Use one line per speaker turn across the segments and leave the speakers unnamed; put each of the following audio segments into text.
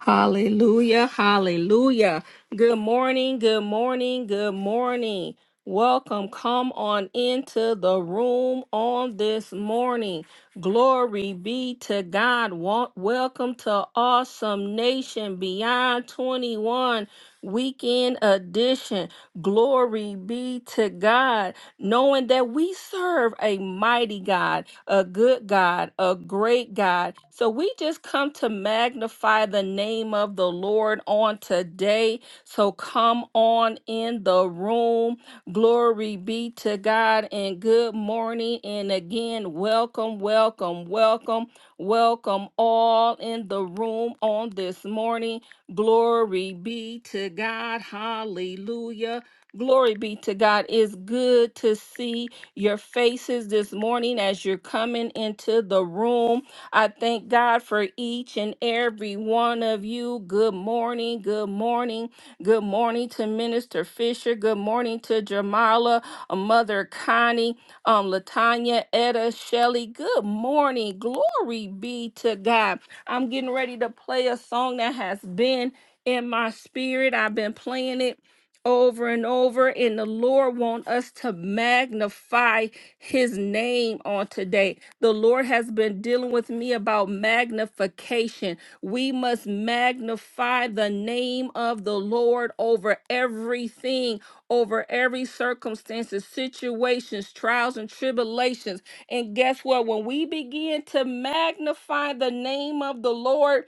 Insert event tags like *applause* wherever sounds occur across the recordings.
Hallelujah, hallelujah. Good morning, good morning, good morning. Welcome, come on into the room on this morning. Glory be to God. Wa- Welcome to Awesome Nation Beyond 21. Weekend edition. Glory be to God, knowing that we serve a mighty God, a good God, a great God. So we just come to magnify the name of the Lord on today. So come on in the room. Glory be to God and good morning. And again, welcome, welcome, welcome, welcome all in the room on this morning. Glory be to God. Hallelujah. Glory be to God. It's good to see your faces this morning as you're coming into the room. I thank God for each and every one of you. Good morning. Good morning. Good morning to Minister Fisher. Good morning to Jamala, uh, Mother Connie, um, Latanya, Etta, Shelley. Good morning. Glory be to God. I'm getting ready to play a song that has been in my spirit. I've been playing it over and over and the lord want us to magnify his name on today the lord has been dealing with me about magnification we must magnify the name of the lord over everything over every circumstances situations trials and tribulations and guess what? When we begin to magnify the name of the Lord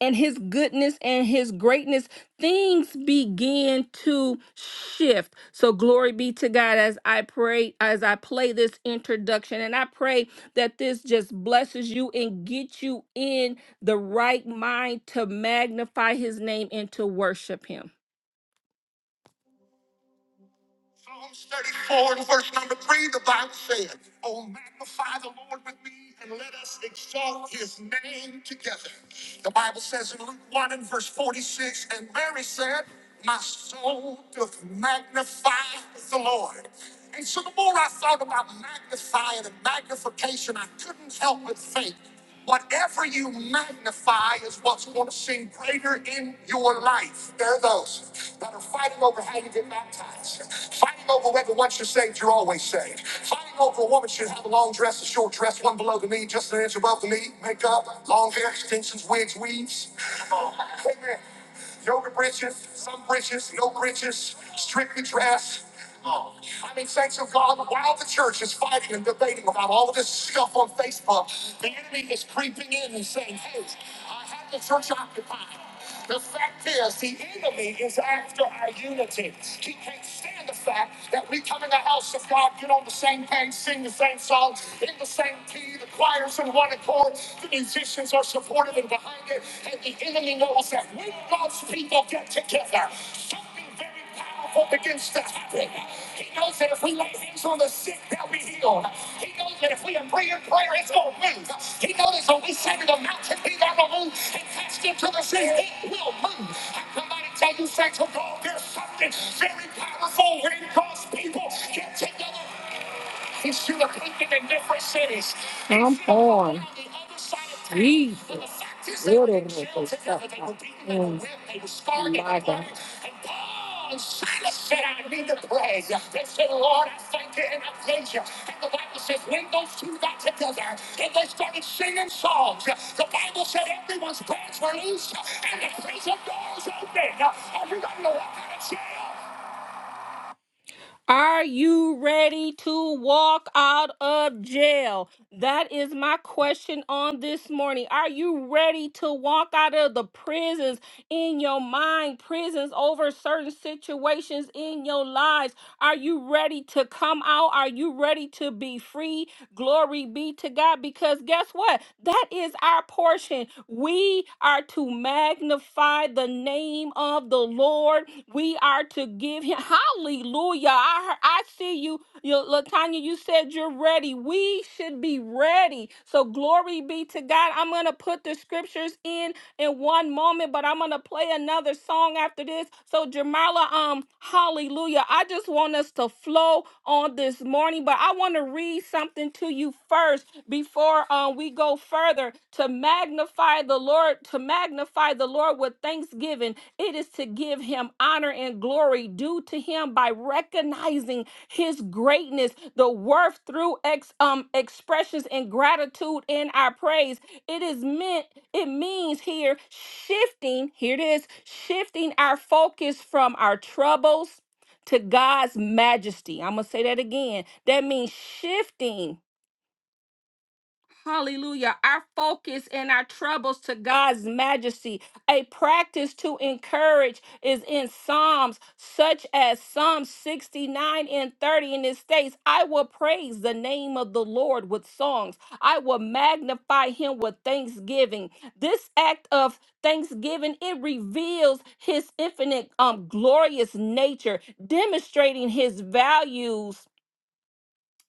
and his goodness and his greatness, things begin to shift. So glory be to God as I pray, as I play this introduction. And I pray that this just blesses you and gets you in the right mind to magnify his name and to worship him. Psalms 34 and verse number 3, the Bible says, Oh, magnify the Lord with me and let us exalt his name together. The Bible says in Luke 1 and verse 46, and Mary said, My soul doth magnify the Lord. And so the more I thought about magnifying and magnification, I couldn't help but think. Whatever you magnify is what's going to seem greater in your life. There are those that are fighting over how you get baptized, fighting over whether once you're saved, you're always saved, fighting over a woman should have a long dress, a short dress, one below the knee, just an inch above the knee, makeup, long hair, extensions, wigs, weaves. Amen. Yoga britches, some britches, no britches, strictly dress. Oh, I mean, thanks to God, while the church is fighting and debating about all of this stuff on Facebook, the enemy is creeping in and saying, hey, I have the church occupied. The fact is, the enemy is after our unity. He can't stand the fact that we come in the house of God, get on the same page, sing the same songs, in the same key, the choir's in one accord all the musicians are supportive and behind it, and the enemy knows that when God's people get together, something very powerful begins to happen. He knows that if we lay hands on the sick, they'll be healed. He knows that if we agree in prayer, it's going to move. He knows that when we say to the mountain, be thou removed, and cast into the sea, it will move. I come out and tell you, thanks to God, there's something very powerful when God's people get together. He's to Come on. Jesus. Beautiful. stuff. Mm. My God. And Silas said, I need to pray. They said, Lord, thank you and I praise you. And the Bible says, when those two got together and they started singing songs, the Bible said everyone's prayers were loose and the prison doors opened. Everybody know what of jail? Are you ready to walk out of jail? That is my question on this morning. Are you ready to walk out of the prisons in your mind, prisons over certain situations in your lives? Are you ready to come out? Are you ready to be free? Glory be to God. Because guess what? That is our portion portion. We are to magnify the name of the Lord. We are to give him hallelujah. I heard, I see you, you Latanya, you said you're ready. We should be ready. So glory be to God. I'm gonna put the scriptures in in one moment, but I'm gonna play another song after this. So Jamala, um, hallelujah. I just want us to flow on this morning, but I want to read something to you first before um, we go further to magnify the Lord, to magnify the Lord with thanksgiving. It is to give him honor and glory due to him by recognizing his greatness, the worth through ex, um, expressions and gratitude in our praise. It is meant, it means here shifting, here it is, shifting our focus from our troubles to God's majesty. I'm going to say that again. That means shifting Hallelujah. Our focus and our troubles to God's majesty. A practice to encourage is in Psalms, such as Psalm 69 and 30, and it states, I will praise the name of the Lord with songs. I will magnify him with thanksgiving. This act of thanksgiving, it reveals his infinite, um, glorious nature, demonstrating his values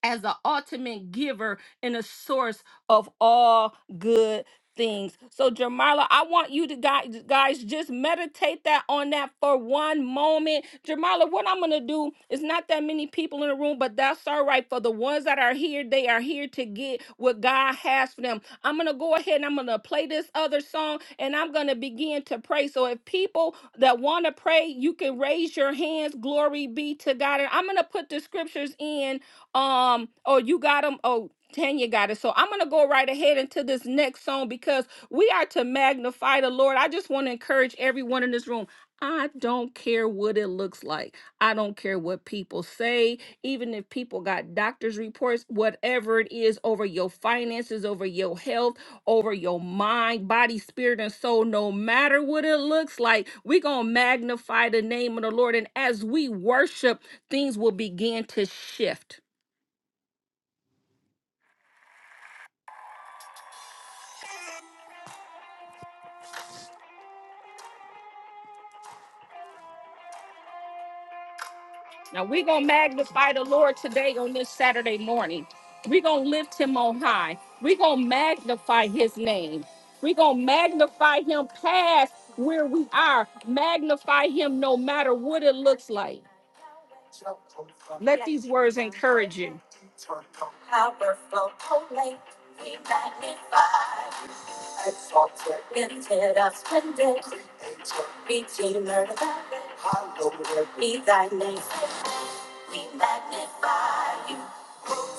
as the ultimate giver and a source of all good things. So Jamila, I want you to guys, guys just meditate that on that for one moment. Jamila, what I'm going to do is not that many people in the room, but that's all right for the ones that are here, they are here to get what God has for them. I'm going to go ahead and I'm going to play this other song and I'm going to begin to pray. So if people that want to pray, you can raise your hands. Glory be to God. And I'm going to put the scriptures in um, oh, you got them. Oh, Tanya got it. So I'm gonna go right ahead into this next song because we are to magnify the Lord. I just want to encourage everyone in this room. I don't care what it looks like. I don't care what people say, even if people got doctors' reports, whatever it is over your finances, over your health, over your mind, body, spirit, and soul, no matter what it looks like, we're going to magnify the name of the Lord. And as we worship, things will begin to shift Now we're gonna magnify the Lord today on this Saturday morning. We're gonna lift him on high. We're gonna magnify his name. We're gonna magnify him past where we are. Magnify him no matter what it looks like. Let these words encourage you. Powerful, holy, we magnify. Exalted, lifted up, splendid, redeemer, hallowed be thy name. We magnify you.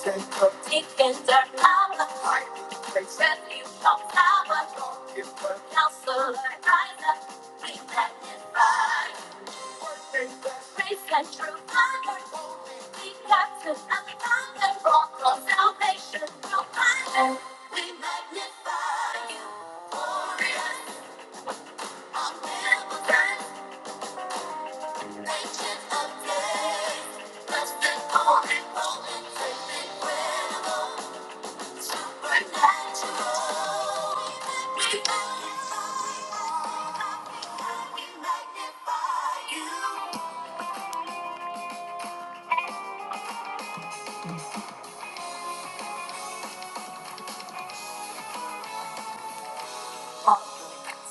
Take up. He can turn our heart. Takes refuge from our Lord. If I- Counselor, rise up. we magnify you. Worship the Grace and truth, honor, holy. We captain and founder, rock of salvation, will find us. We magnify you. Glorious, unbearable, Magnify you.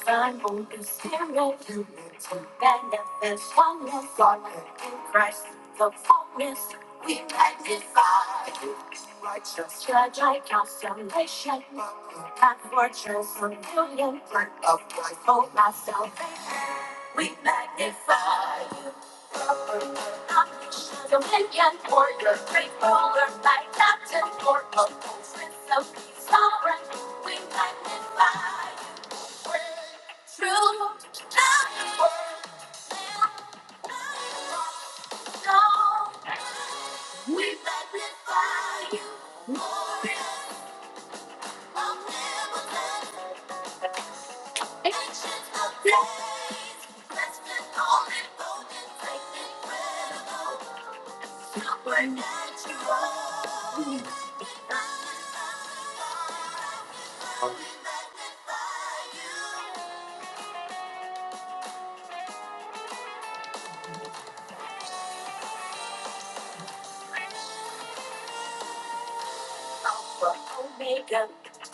Sun won't be staring you to manifest oneness on in Christ the fullness we magnify righteous judge I constellation and fortress and union blood of Christ oh my salvation we magnify you I'm dominion for your great ruler my captain for a whole sense of peace sovereign we magnify you. We magnify you, glorious, omnipotent, ancient of days. Blessed, holy, golden, great, incredible, supernatural. We magnify Alpha, Omega,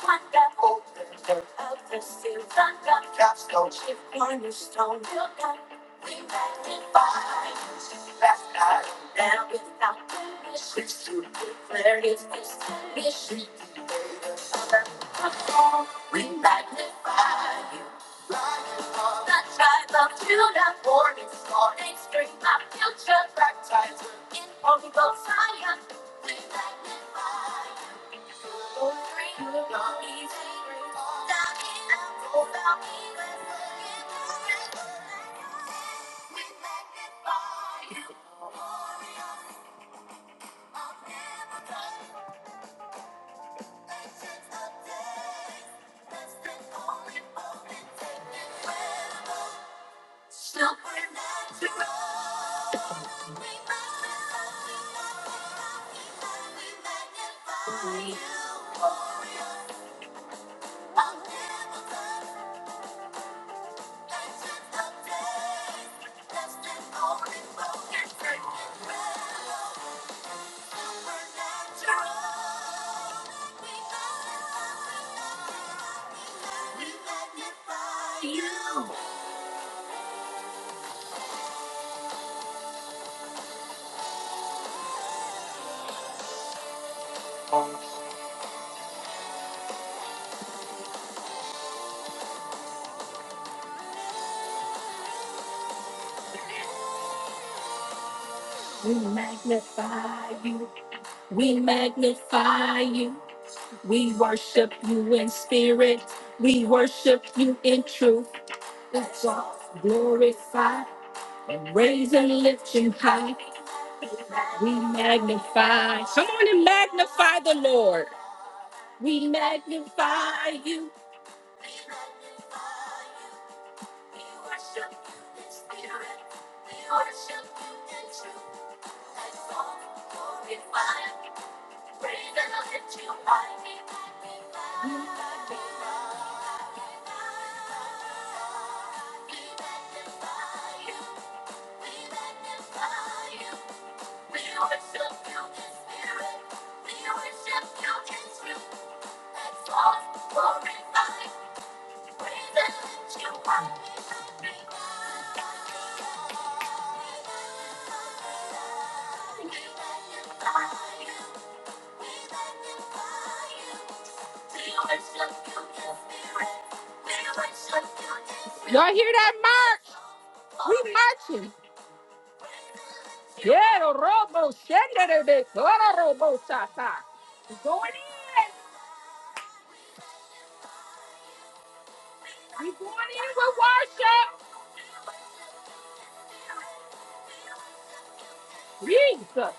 wonder, holder of the silver capstone, chief cornerstone, builder, we magnify you. Last night, now without blemish, it's to declare his distinction. He made us under the fall. We magnify you. lion of The tribe of Judah, born in morning spring, my future baptizer in holy Messiah. We magnify you. We magnify Supernatural. You. We magnify you. We magnify you. We worship you in spirit. We worship you in truth. Exalt, glorify, and raise and lift you high. We magnify. Come on and magnify the Lord. We magnify you. We worship you in spirit. We worship you in truth. Thy soul glorified. Praise the Lord you are. We magnify you. We magnify you. We worship you in spirit. We worship you in truth. Y'all hear that march? We marching. Quiero robo, shendere de toro robo sata. We going in. We going in with worship. Jesus.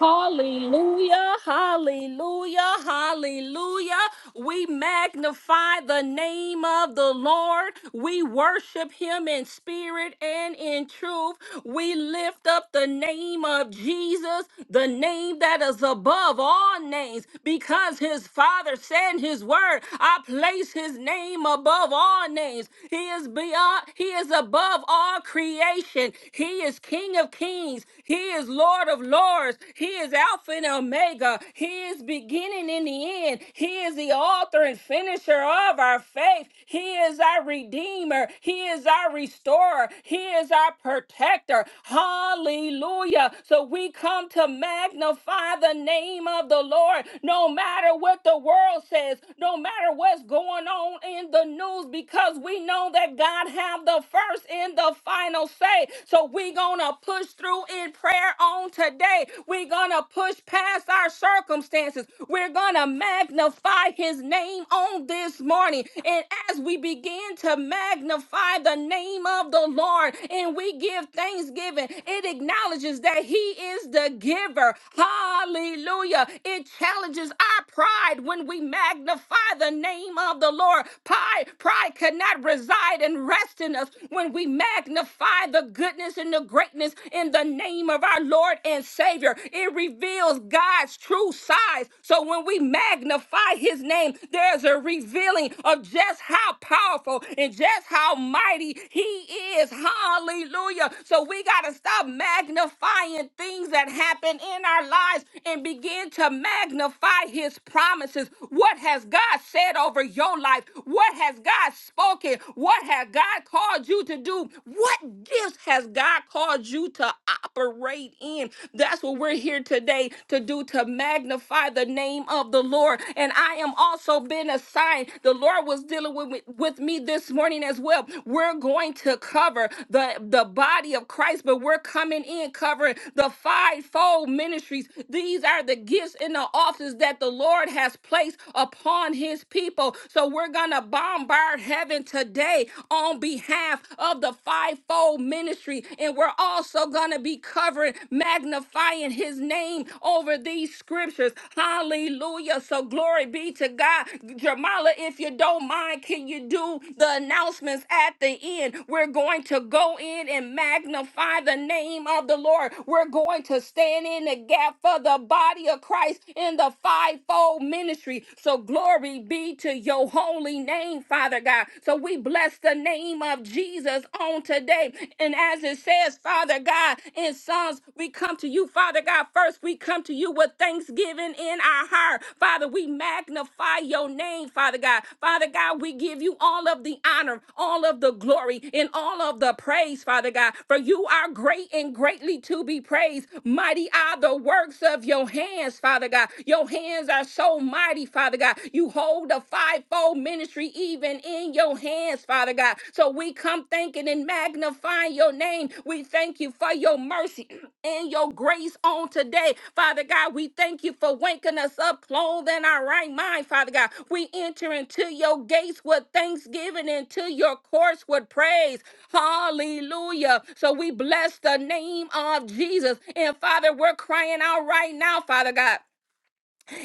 Hallelujah, hallelujah, hallelujah. We magnify the name of the Lord. We worship him in spirit and in truth. We lift up the name of Jesus, the name that is above all above names because his father said in his word, I place his name above all names. He is beyond, he is above all creation. He is King of kings. He is Lord of lords. He is Alpha and Omega. He is beginning and the end. He is the author and finisher of our faith. He is our redeemer. He is our restorer. He is our protector. Hallelujah. So we come to magnify the name of the Lord. Lord, no matter what the world says, no matter what's going on in the news, because we know that God have the first and the final say. So we gonna push through in prayer on today. we gonna push past our circumstances. We're gonna magnify his name on this morning. And as we begin to magnify the name of the Lord and we give thanksgiving, it acknowledges that he is the giver. Hallelujah. It it challenges our pride when we magnify the name of the Lord. Pride, pride cannot reside and rest in us when we magnify the goodness and the greatness in the name of our Lord and Savior. It reveals God's true size. So when we magnify his name, there's a revealing of just how powerful and just how mighty he is. Hallelujah. So we got to stop magnifying things that happen in our lives and begin to magnify his promises. What has God said over your life? What has God spoken? What has God called you to do? What gifts has God called you to operate in? That's what we're here today to do to magnify the name of the Lord. And I am also being assigned. The Lord was dealing with, with with me this morning as well. We're going to cover the, the body of Christ, but we're coming in covering the fivefold ministries. These are the gifts and in the office that the Lord has placed upon his people. So we're going to bombard heaven today on behalf of the fivefold ministry. And we're also going to be covering, magnifying his name over these scriptures. Hallelujah. So glory be to God. Jamala, if you don't mind, can you do the announcements at the end? We're going to go in and magnify the name of the Lord. We're going to stand in the gap for the body of Christ sacrifice in the fivefold ministry. So glory be to your holy name, Father God. So we bless the name of Jesus on today. And as it says, Father God, in Psalms, we come to you, Father God. First, we come to you with thanksgiving in our heart. Father, we magnify your name, Father God. Father God, we give you all of the honor, all of the glory, and all of the praise, Father God. For you are great and greatly to be praised. Mighty are the works of your hands, Father. Father God. Your hands are so mighty, Father God. You hold the fivefold ministry even in your hands, Father God. So we come thanking and magnifying your name. We thank you for your mercy *clears throat* and your grace on today. Father God, we thank you for waking us up, clothing in our right mind, Father God. We enter into your gates with thanksgiving and to your courts with praise. Hallelujah. So we bless the name of Jesus. And Father, we're crying out right now, Father God.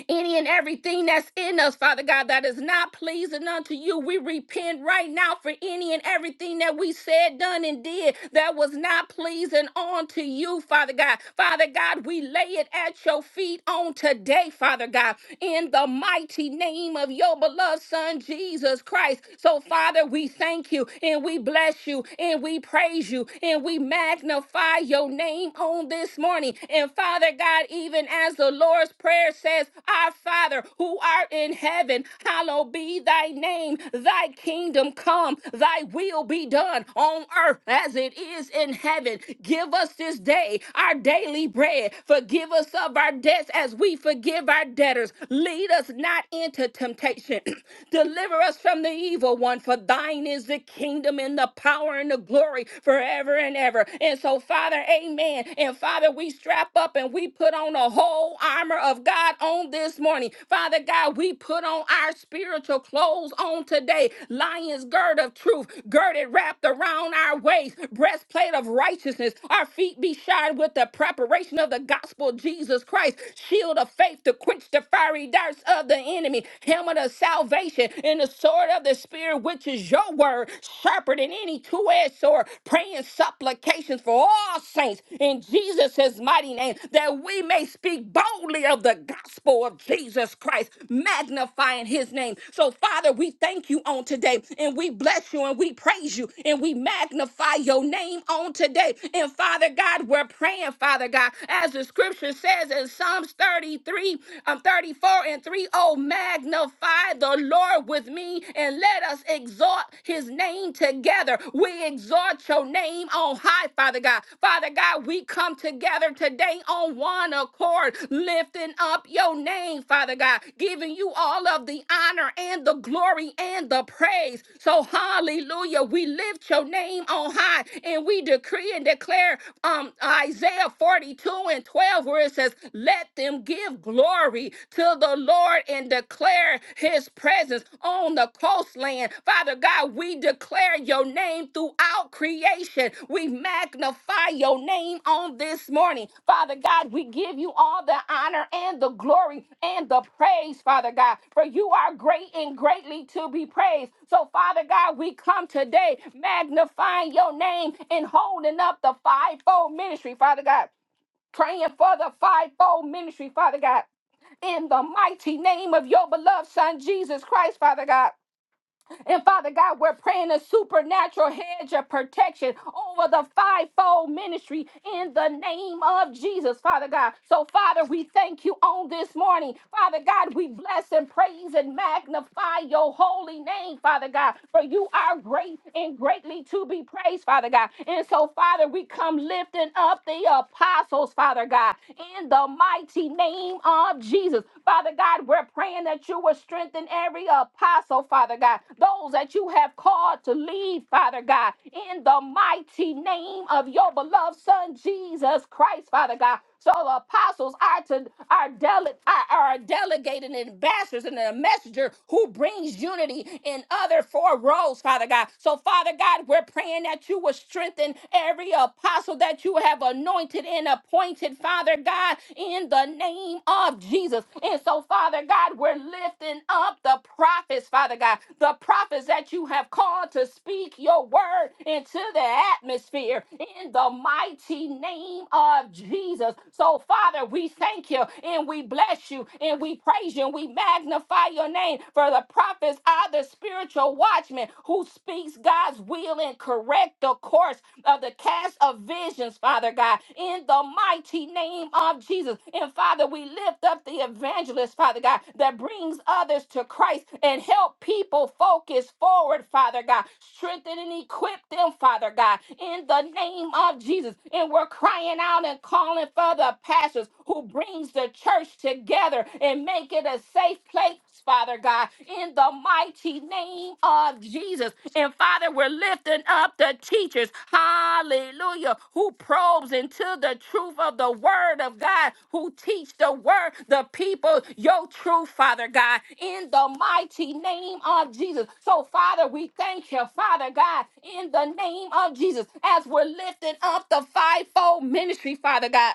Any and everything that's in us, Father God, that is not pleasing unto you, we repent right now for any and everything that we said, done, and did that was not pleasing unto you, Father God. Father God, we lay it at your feet on today, Father God in the mighty name of your beloved Son, Jesus Christ. So, Father, we thank you and we bless you and we praise you and we magnify your name on this morning. And and Father God, even as the Lord's Prayer says, Our Father who art in heaven, hallowed be thy name. Thy kingdom come, thy will be done on earth as it is in heaven. Give us this day our daily bread. Forgive us of our debts as we forgive our debtors. Lead us not into temptation. *clears throat* Deliver us from the evil one, for thine is the kingdom and the power and the glory forever and ever ever. And so, Father, amen. And Father, we strap up and we put on the whole armor of God on this morning. Father God, we put on our spiritual clothes on today. Lion's gird of truth, girded wrapped around our waist, breastplate of righteousness. Our feet be shod with the preparation of the gospel of Jesus Christ, shield of faith to quench the fiery darts of the enemy, helmet of salvation, and the sword of the spirit, which is your word prayer, sharper than any two-edged sword, praying supplications for all saints in Jesus' mighty name, that we may speak boldly of the gospel of Jesus Christ, magnifying his name. So, Father, we thank you on today, and we bless you, and we praise you, and we magnify your name on today. And, Father God, we're praying, Father God, as the scripture says in Psalms 33, um, 34 and 3, oh, magnify the Lord with me and let us exalt his name together. We exalt your name on high, Father God. Father God, we come together today on one accord, lifting up your name, Father God, giving you all of the honor and the glory and the praise. So, hallelujah, we lift your name on high and we decree and declare um, Isaiah 42 and 12, where it says, Let them give glory glory to the Lord and declare his presence on the coastland. Father God, we declare your name throughout creation. We magnify your name on this morning. Father God, we give you all the honor and the glory and the praise, Father God, for you are great and greatly to be praised. So, Father God, we come today magnifying your name and holding up the fivefold ministry, Father God praying for the fivefold ministry, Father God in the mighty name of your beloved Son, Jesus Christ, Father God. And Father God, we're praying a supernatural hedge of protection over the fivefold ministry in the name of Jesus, Father God. So, Father, we thank you on this morning. Father God, we bless and praise and magnify your holy name, Father God, for you are great and greatly to be praised, Father God. And so, Father, we come lifting up the apostles, Father God, in the mighty name of Jesus teachers. Father God, we're praying that you will strengthen every apostle, Father God, those that you have called to lead, Father God, in the mighty name of your beloved Son, Jesus Christ, Father God. So the apostles are to are, dele- are, are delegated and ambassadors and a messenger who brings unity in other four roles, Father God. So, Father God, we're praying that you will strengthen every apostle that you have have anointed and appointed, Father God, in the name of Jesus. And so, Father God, we're lifting up the prophets, Father God, the prophets that you have called to speak your word into the atmosphere in the mighty name of Jesus. So, Father, we thank you and we bless you and we praise you and we magnify your name for the prophets are the spiritual watchmen who speak speaks God's will and correct the course of the cast of visions, Father God, in the mighty name of Jesus. And Father, we lift up the evangelist, Father God, that brings others to Christ and help people focus forward, Father God. Strengthen and equip them, Father God, in the name of Jesus. And we're crying out and calling for the pastors who brings the church together and make it a safe right place, Father God, in the mighty name of Jesus. And Father, we're lifting up the teachers, hallelujah, who probes into the truth of the word of God, who teach the word, the people, your truth, Father God, in the mighty name of Jesus. So, Father, we thank you, Father God, in the name of Jesus, as we're lifting up the fivefold ministry, Father God.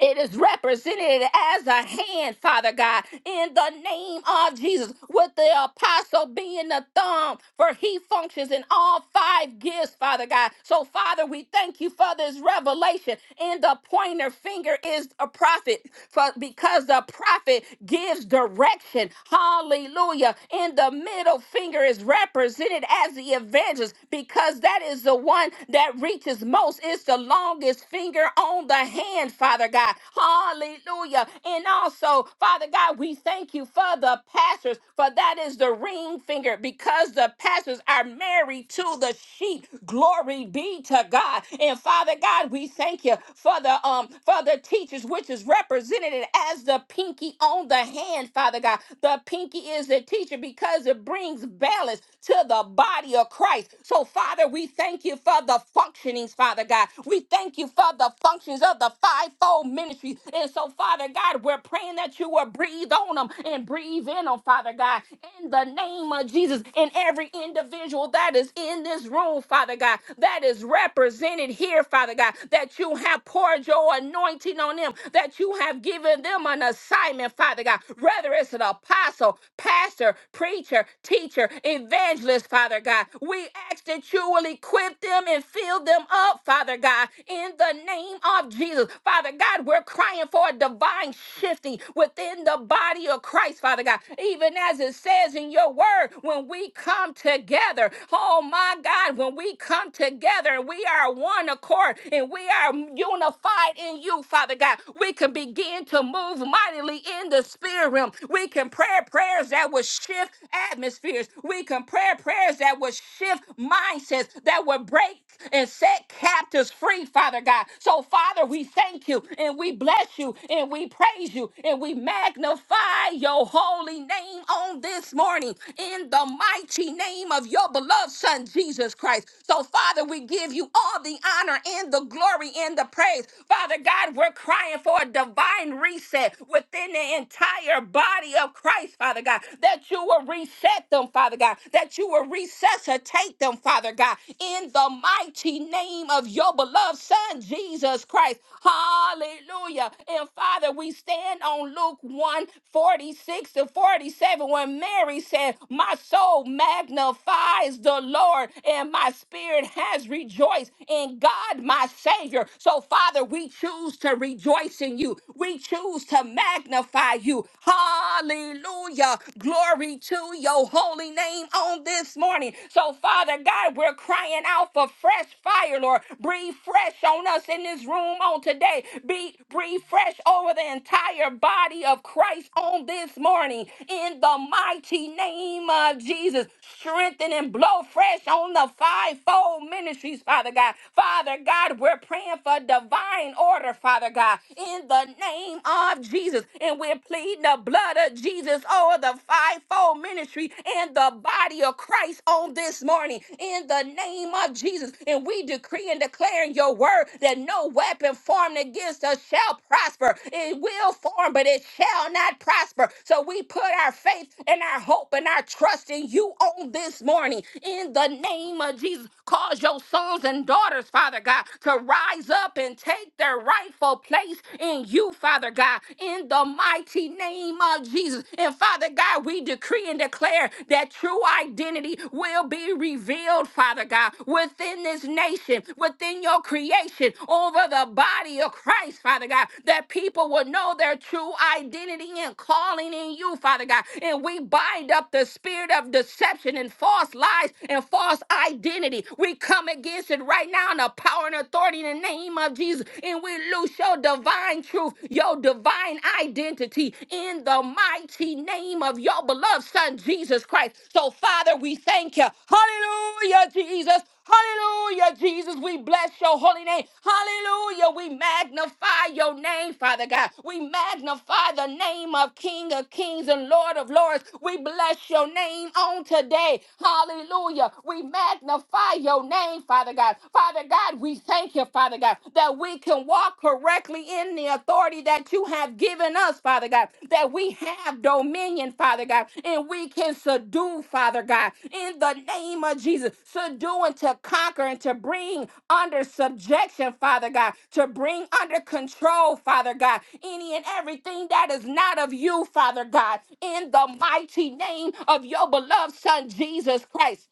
It is represented as a hand, Father God, in the name of Jesus, with the apostle being the thumb, for he functions in all five gifts, Father God. So, Father, we thank you for this revelation. And the pointer finger is a prophet, for because the prophet gives direction. Hallelujah. And the middle finger is represented as the evangelist, because that is the one that reaches most. It's the longest finger on the hand, Father God. Hallelujah. And also, Father God, we thank you for the pastors, for that is the ring finger, because the pastors are married to the sheep. Glory be to God. And Father God, we thank you for the um for the teachers, which is represented as the pinky on the hand, Father God. The pinky is the teacher because it brings balance to the body of Christ. So, Father, we thank you for the functionings, Father God. We thank you for the functions of the fivefold ministry. And so, Father God, we're praying that you will breathe on them and breathe in them, Father God, in the name of Jesus, in every individual that is in this room, Father God, that is represented here, Father God, that you have poured your anointing on them, that you have given them an assignment, Father God, whether it's an apostle, pastor, preacher, teacher, evangelist, Father God. We ask that you will equip them and fill them up, Father God, in the name of Jesus. Father God, we're crying for a divine shifting within the body of Christ, Father God. Even as it says in your word, when we come together, oh my God, when we come together we are one accord and we are unified in you, Father God, we can begin to move mightily in the spirit realm. We can pray prayers that will shift atmospheres. We can Deacon, prayer prayers that would shift mindsets, that would break and set captives free, Father God. So, Father, we thank you and we bless you and we praise you and we magnify your holy name on this morning in the mighty name of your beloved Son, Jesus Christ. So, Father, we give you all the honor and the glory and the praise. Father God, we're crying for a divine reset within the entire body of Christ, Father God that you will reset them, Father God, that you will resuscitate them, Father God, in the mighty name of your beloved Son, Jesus Christ. Hallelujah. And Father, we stand on Luke one 46 to 47 when Mary said, My soul magnifies the Lord, and my spirit has rejoiced in God, my Savior. So, Father, we choose to rejoice in you. We choose to magnify you. Hallelujah. Glory to your holy name on this morning. So, Father God, we're crying out for fresh fire, Lord. Breathe fresh on us in this room on today. Be breathe fresh over the entire body of Christ on this morning. In the mighty name of Jesus, strengthen and blow fresh on the fivefold ministries, Father God. Father God, we're praying for divine order, Father God. In the name name of Jesus. And we're pleading the blood of Jesus over the fivefold ministry and the body of Christ on this morning in the name of Jesus. And we decree and declare in your word that no weapon formed against us shall prosper. It will form, but it shall not prosper. So we put our faith and our hope and our trust in you on this morning in the name of Jesus. Cause your sons and daughters, Father God, to rise up and take their rightful place in you, Father God, in the mighty name of Jesus. And Father God, we decree and declare that true identity will be revealed, Father God, within this nation, within your creation, over the body of Christ, Father God, that people will know their true identity and calling in you, Father God. And we bind up the spirit of deception and false lies and false identity. We come against it right now in the power and and authority in the name of Jesus. And we lose your divine truth, your divine identity in the mighty name of your beloved Son, Jesus Christ. So, Father, we thank you. Hallelujah, Jesus. Hallelujah, Jesus. We bless your holy name. Hallelujah. We magnify your name, Father God. We magnify the name of King of Kings and Lord of Lords. We bless your name on today. Hallelujah. We magnify your name name, Father God. Father God, we thank you, Father God, that we can walk correctly in the authority that you have given us, Father God, that we have dominion, Father God, and we can subdue, Father God, in the name of Jesus. Subdue and to conquer and to bring under subjection, Father God, to bring under control, Father God, any and everything that is not of you, Father God, in the mighty name of your beloved Son, Jesus Christ.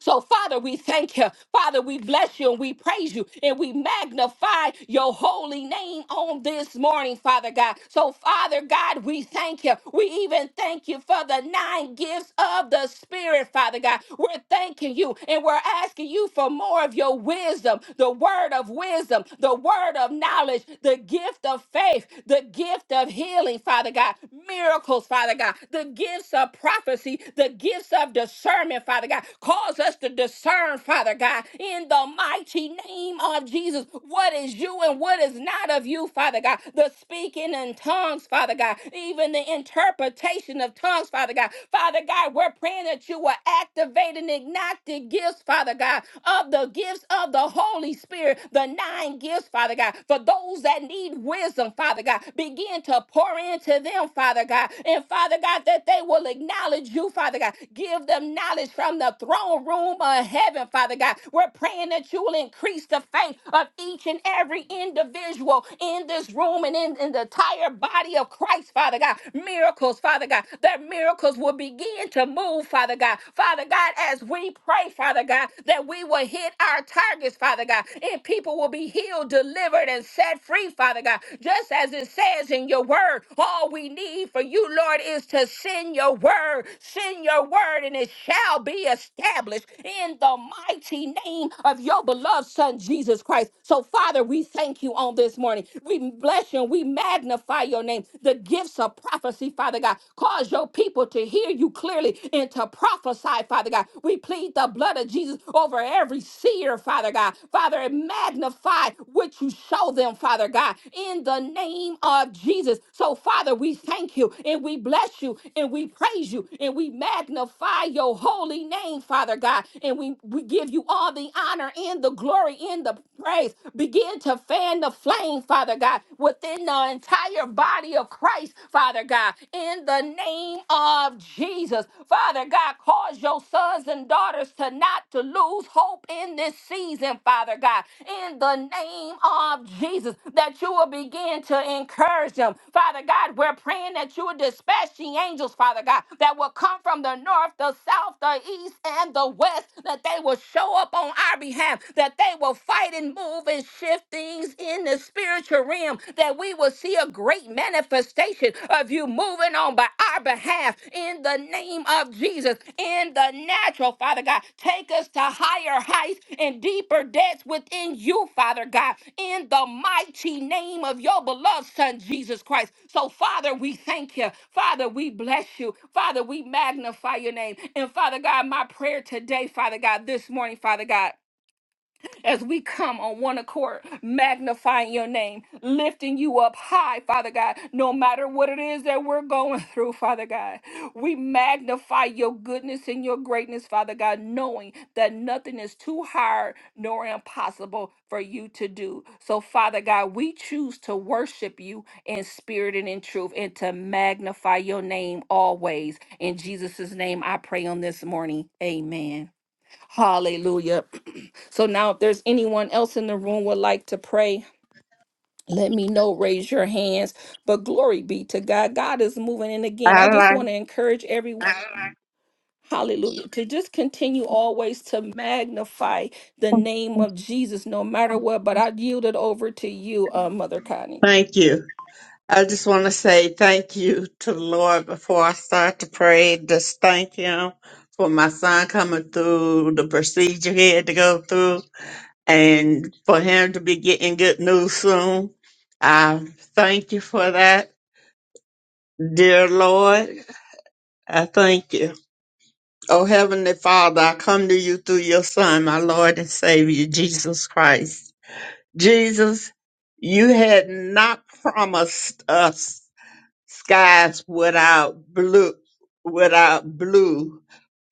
So, Father, we thank you. Father, we bless you and we praise you and we magnify your holy name on this morning, Father God. So, Father God, we thank you. We even thank you for the nine gifts of the Spirit, Father God. We're thanking you and we're asking you for more of your wisdom, the word of wisdom, the word of knowledge, the gift of faith, the gift of healing, Father God, miracles, Father God, the the gifts of prophecy, the gifts of discernment, Father God. Cause us to discern, Father God, in the mighty name of Jesus, what is you and what is not of you, Father God. The speaking in tongues, Father God, even the interpretation of tongues, Father God. Father God, we're praying that you will activate and ignite the gifts, Father God, of the gifts of the Holy Spirit, the nine gifts, Father God, for those that need wisdom, Father God. Begin to pour into them, Father God. And Father God, that they will acknowledge you, Father God. Give them knowledge from the throne room of heaven, Father God. We're praying that you will increase the faith of each and every individual in this room and in, in the entire body of Christ, Father God. Miracles, Father God. That miracles will begin to move, Father God. Father God, as we pray, Father God, that we will hit our targets, Father. Father God, and people will be healed, delivered, and set free, Father God. Just as it says in your word, all we need for you, Lord, is to send your word. Send your word, and it shall be established in the mighty name of your beloved Son, Jesus Christ. So, Father, we thank you on this morning. We bless you and we magnify your name. The gifts of prophecy, Father God, cause your people to hear you clearly and to prophesy, Father life, Father God. We plead the blood of Jesus over every seer, Father God. Father, and magnify what you show them, Father God, in the name of Jesus. So, Father, we thank you and we bless you and we praise you and we magnify your holy name, Father God. And we, we give you all the honor and the glory and the praise. Begin to fan the flame, Father God, within the entire body of Christ, Father God in the name of Jesus. Father God, cause your sons and daughters to not to lose hope in this season, Father God, in the name of Jesus, that you will begin to encourage them. Father God, we're praying that you will dispatch the angels, Father God, that will come from the north, the south, the east, and the west, that they will show up on our behalf, that they will fight and move and shift things in the spirit spiritual realm that we will see a great manifestation of you moving on by our behalf in the name of Jesus, in the natural, Father God. Take us to higher heights and deeper depths within you, Father God, in the mighty name of your beloved Son, Jesus Christ. So, Father, we thank you. Father, we bless you. Father, we magnify your name. And, Father God, my prayer today, Father God, this morning, Father God as we come on one accord, magnifying your name, lifting you up high, Father God, no matter what it is that we're going *laughs* through, Father God. We magnify your goodness and your greatness, Father God, knowing that nothing is too hard nor impossible for you to do. So, Father God, we choose to worship you in spirit and in truth and to magnify your name always. In Jesus' name, I pray on this morning. Amen. Hallelujah. *clears throat* so now if there's anyone else in the room would like to pray, let me know, raise your hands. But glory be to God. God is moving. And again,
I
I just
like,
want to encourage everyone. Hallelujah. To just continue always to magnify the name of Jesus no matter what. But I yield it over to you, uh, Mother Connie.
thank you. I just want to say thank you to the Lord before I start to pray. Just thank Him for my son coming through the procedure he had to go through and for him to be getting good news soon. I thank you for that, dear Lord. I thank you. Oh, Heavenly Father, I come to you through your Son, my Lord and Savior, Jesus Christ. Jesus, you had not promised us skies without blue without blue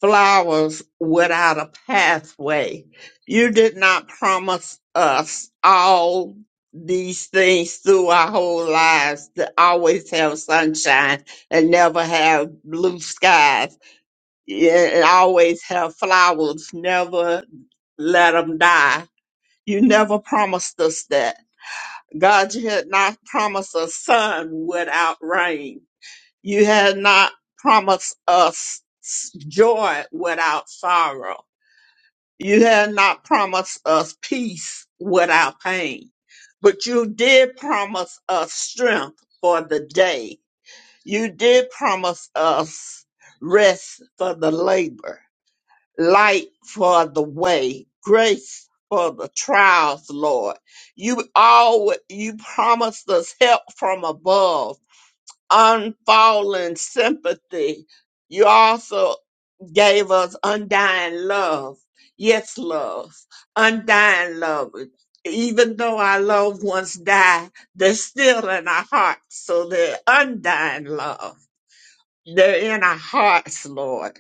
flowers without a pathway you did not promise us all these things through our whole lives to always have sunshine and never have blue skies yeah, and always have flowers never let them die you never promised us that god you had not promised a sun without rain you have not promised us joy without sorrow. You have not promised us peace without pain. But you did promise us strength for the day. You did promise us rest for the labor, light for the way, grace for the trials, Lord. You always, you promised us help from above unfallen sympathy. You also gave us undying love. Yes, love. Undying love. Even though our loved ones die, they're still in our hearts. So they're undying love. They're in our hearts, Lord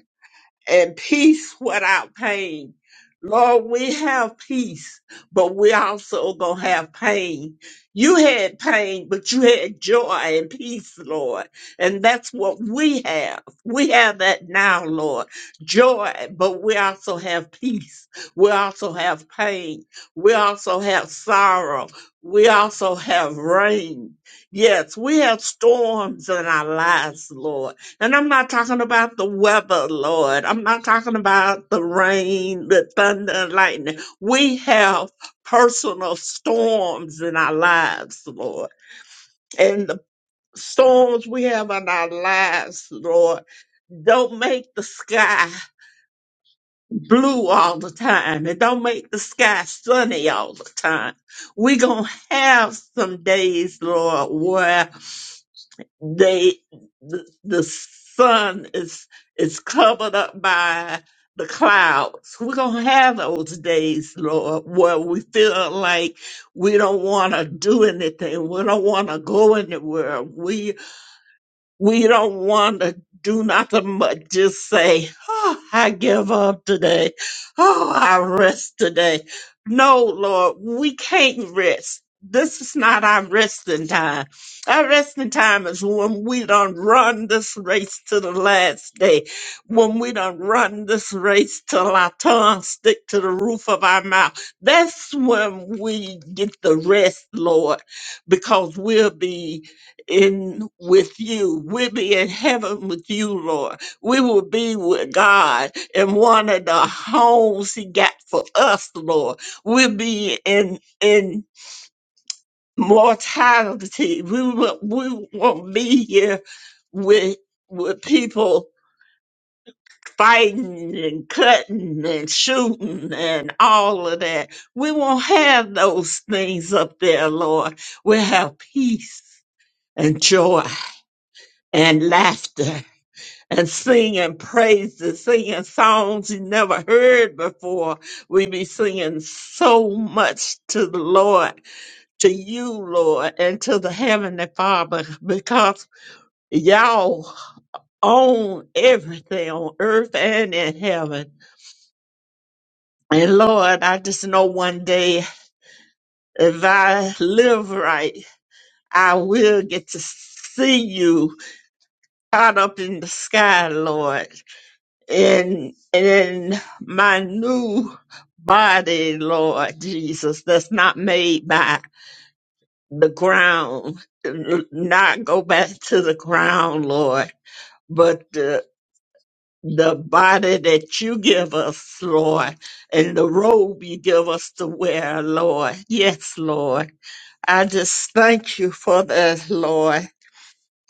and peace without pain. Lord, we have peace, but we also gonna have pain. You had pain, but you had joy and peace, Lord. And that's what we have. We have that now, Lord. Joy, but we also have peace. We also have pain. We also have sorrow. We also have rain. Yes, we have storms in our lives, Lord and I'm not talking about the weather, Lord. I'm not talking about the rain, the thunder, and lightning. We have personal storms in our lives, Lord. And the storms we have in our lives, Lord, don't make the sky blue all the time. It don't make the sky sunny all the time. we going to have some days, Lord, where they the, the sun is is covered up by the clouds. We're gonna have those days, Lord, where we feel like we don't want to do anything. We don't want to go anywhere. We. We don't want to do nothing but just say, oh, I give up today. Oh, I rest today. No, Lord, we can't rest. This is not our resting time. Our resting time is when we done run this race to the last day, when we done run this race till our tongue stick to the roof of our mouth. That's when we get the rest, Lord, because we'll be in with you. We'll be in heaven with you, Lord. We will be with God in one of the homes He got for us, Lord. We'll be in in mortality. We will we won't be here with with people fighting and cutting and shooting and all of that. We won't have those things up there, Lord. We'll have peace and joy and laughter and singing praises, singing songs you never heard before. We be singing so much to the Lord, to you, Lord, and to the Heavenly Father, because y'all own everything on earth and in heaven. And Lord, I just know one day if I live right, I will get to see you caught up in the sky, Lord. in in my new body, Lord Jesus, that's not made by the ground, n- not go back to the ground, Lord, but the the body that you give us, Lord, and the robe you give us to wear, Lord. Yes, Lord. I just thank you for this, Lord.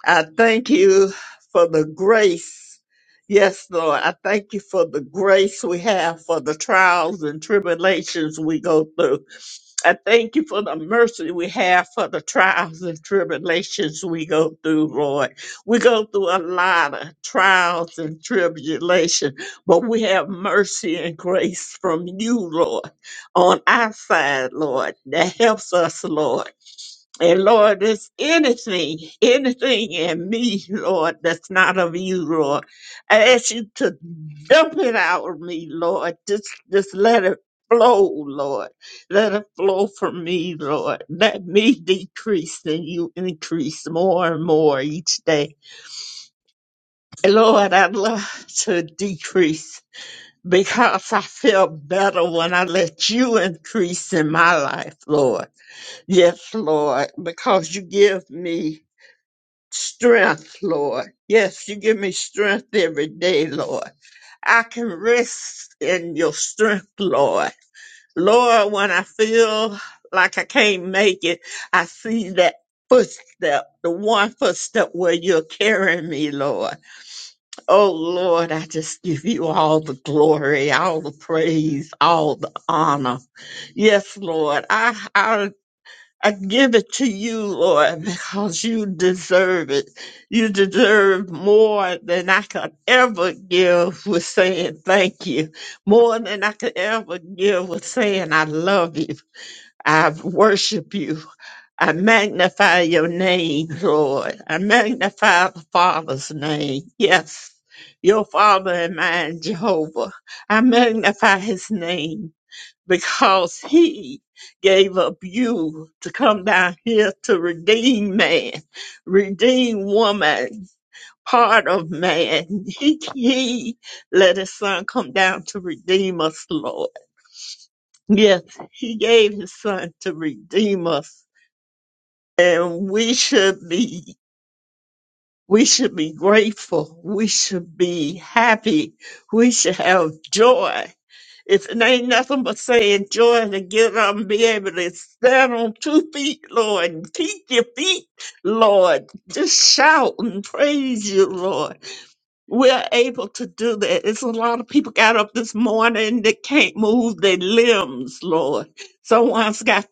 I thank you for the grace. Yes, Lord. I thank you for the grace we have for the trials and tribulations we go through. I thank you for the mercy we have for the trials and tribulations we go through, Lord. We go through a lot of trials and tribulation, but we have mercy and grace from you, Lord, on our side, Lord, that helps us, Lord. And Lord, there's anything, anything in me, Lord, that's not of you, Lord. I ask you to dump it out of me, Lord. Just just let it flow, Lord. Let it flow from me, Lord. Let me decrease and you increase more and more each day. And Lord, I'd love to decrease because I feel better when I let you increase in my life, Lord. Yes, Lord, because you give me. Strength, Lord. Yes, you give me strength every day, Lord. I can rest in your strength, Lord. Lord, when I feel like I can't make it, I see that footstep, the one footstep where you're carrying me, Lord. Oh, Lord, I just give you all the glory, all the praise, all the honor. Yes, Lord. I, I I give it to you, Lord, because you deserve it. You deserve more than I could ever give with saying thank you, more than I could ever give with saying I love you. I worship you. I magnify your name, Lord. I magnify the Father's name. Yes, your Father and mine, Jehovah. I magnify his name because he gave up you to come down here to redeem man, redeem woman, part of man. He, he let his son come down to redeem us, Lord. Yes, he gave his son to redeem us and we should be we should be grateful. We should be happy. We should have joy It's, it ain't nothing but saying joy to get up and be able to stand on two feet, Lord, and keep your feet, Lord. Just shout and praise you, Lord we're able to do that. It's a lot of people got up this morning that can't move their limbs, Lord. Someone's got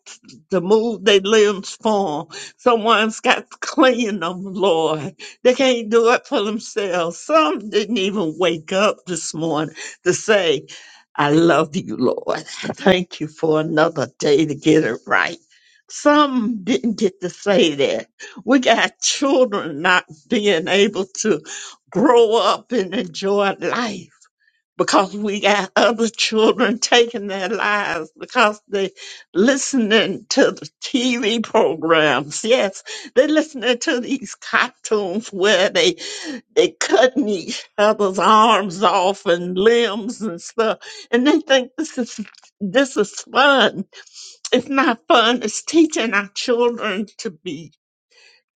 to move their limbs for 'em. Someone's got to clean them, Lord. They can't do it for themselves. Some didn't even wake up this morning to say, I love you, Lord. Thank you for another day to get it right. Some didn't get to say that. We got children not being able to grow up and enjoy life because we got other children taking their lives because they listening to the TV programs. Yes, they listening to these cartoons where they they cutting each other's arms off and limbs and stuff, and they think this is this is fun. It's not fun. It's teaching our children to be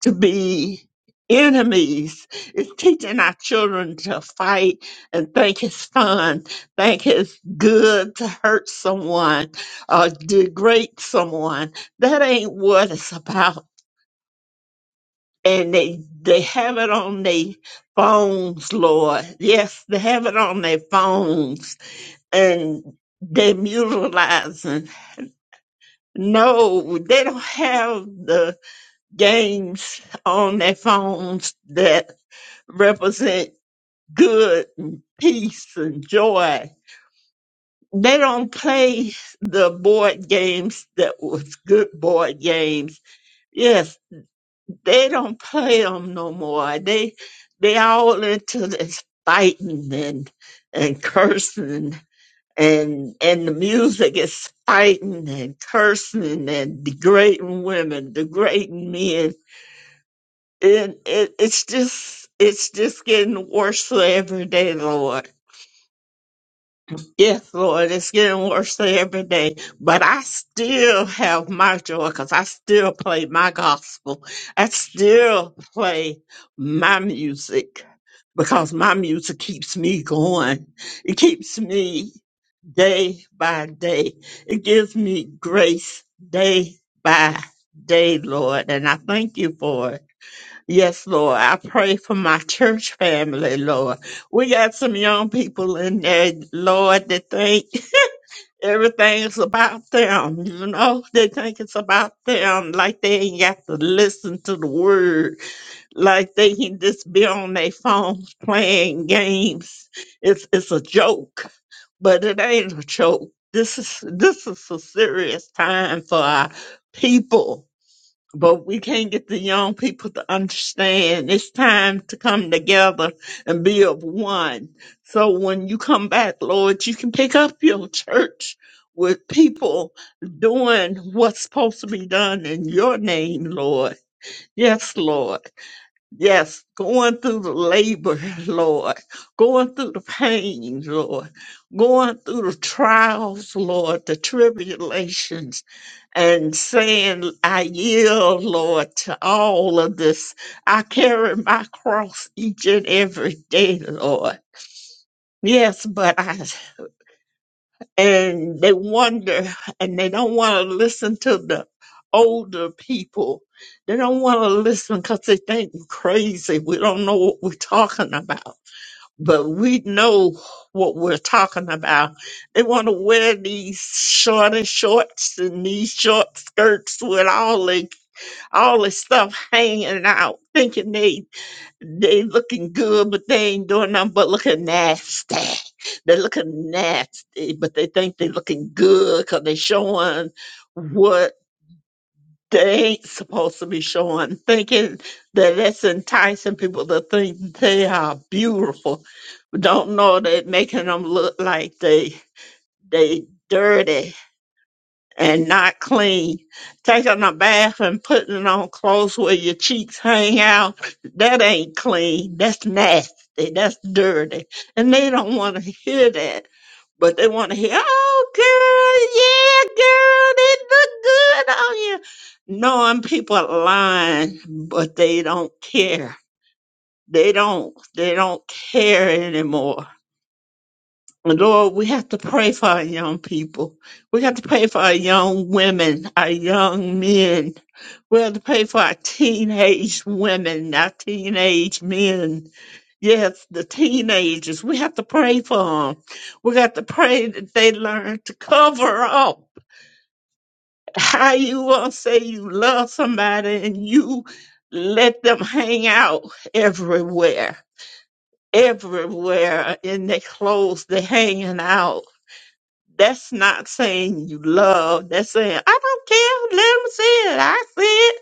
to be enemies. It's teaching our children to fight and think it's fun, think it's good to hurt someone or degrade someone. That ain't what it's about. And they they have it on their phones, Lord. Yes, they have it on their phones and they're mutilizing. No, they don't have the games on their phones that. represent good and peace and joy. They don't play the board games that was good board games. Yes, they don't play them no more. They they all into this fighting and and cursing and and the music is fighting and cursing and degrading women, degrading men. And it, it's just it's just getting worse every day, Lord Yes, Lord, it's getting worse every day, but I still have my joy because I still play my gospel. I still play my music because my music keeps me going. It keeps me day by day. It gives me grace day by day, Lord, and I thank you for it. Yes, Lord. I pray for my *laughs* church family, Lord. We got some young people in there, Lord, that think everything's about them. You know, they think it's about them, like they ain't got to listen to the word, like they can just be on their phones playing games. It's it's a joke, but it ain't a joke. This is this is a serious time for our people but we can't get the young people to understand it's time to come together and be of one. So when you come back, Lord, you can pick up your church with people doing what's supposed to be done in your name, Lord. Yes, Lord. Yes, going through the labor, *laughs* Lord, going through the pain, Lord, going through the trials, Lord, the tribulations, and saying, I yield, Lord, to all of this. I carry my cross each and every day, Lord. Yes, but I, and they wonder and they don't want to listen to the older people. They don't want to listen because they think we're crazy. We don't know what we're talking about, but we know what we're talking about. They want to wear these short and shorts and these short skirts with all they all this stuff hanging out, thinking they they looking good, but they ain't doing nothing but looking nasty. They looking nasty, but they think they looking good because they showing what they ain't supposed to be showing, thinking that that's enticing people to think they are beautiful. Don't know that making them look like they they dirty and not clean. Taking a bath and putting on clothes where your cheeks hang out, that ain't clean. That's nasty. That's dirty. And they don't want to hear that. But they want to hear, oh, girl, yeah, girl, it look good on you. Knowing people are lying, but they don't care. They don't. They don't care anymore and Lord, we have to pray for our young people. We have to pray for our young women, our young men. We have to pray for our teenage women, our teenage men. Yes, the teenagers. We have to pray for them. We got to pray that they learn to cover up. How you gonna say you love somebody and you let them hang out everywhere, everywhere in their clothes, they're hanging out that's not saying you love. That's saying I don't care. Let them see it. I see it.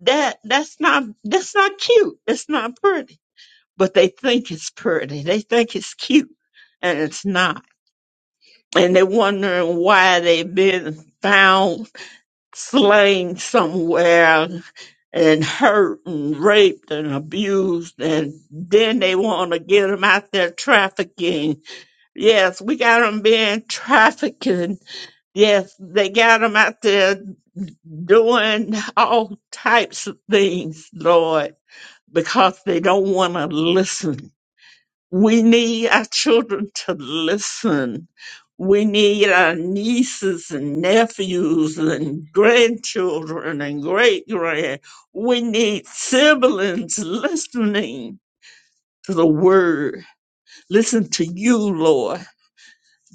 That that's not that's not cute. That's not pretty. But they think it's pretty. They think it's cute, and it's not. And they're wondering why they've been found slain somewhere and hurt and raped and abused, and then they want to get them out there trafficking. Yes, we got them being trafficked. Yes, they got 'em out there doing all types of things, Lord, because they don't want to listen. We need our children to listen. We need our nieces and nephews and grandchildren and great grand. We need siblings listening to the word. Listen to you, Lord.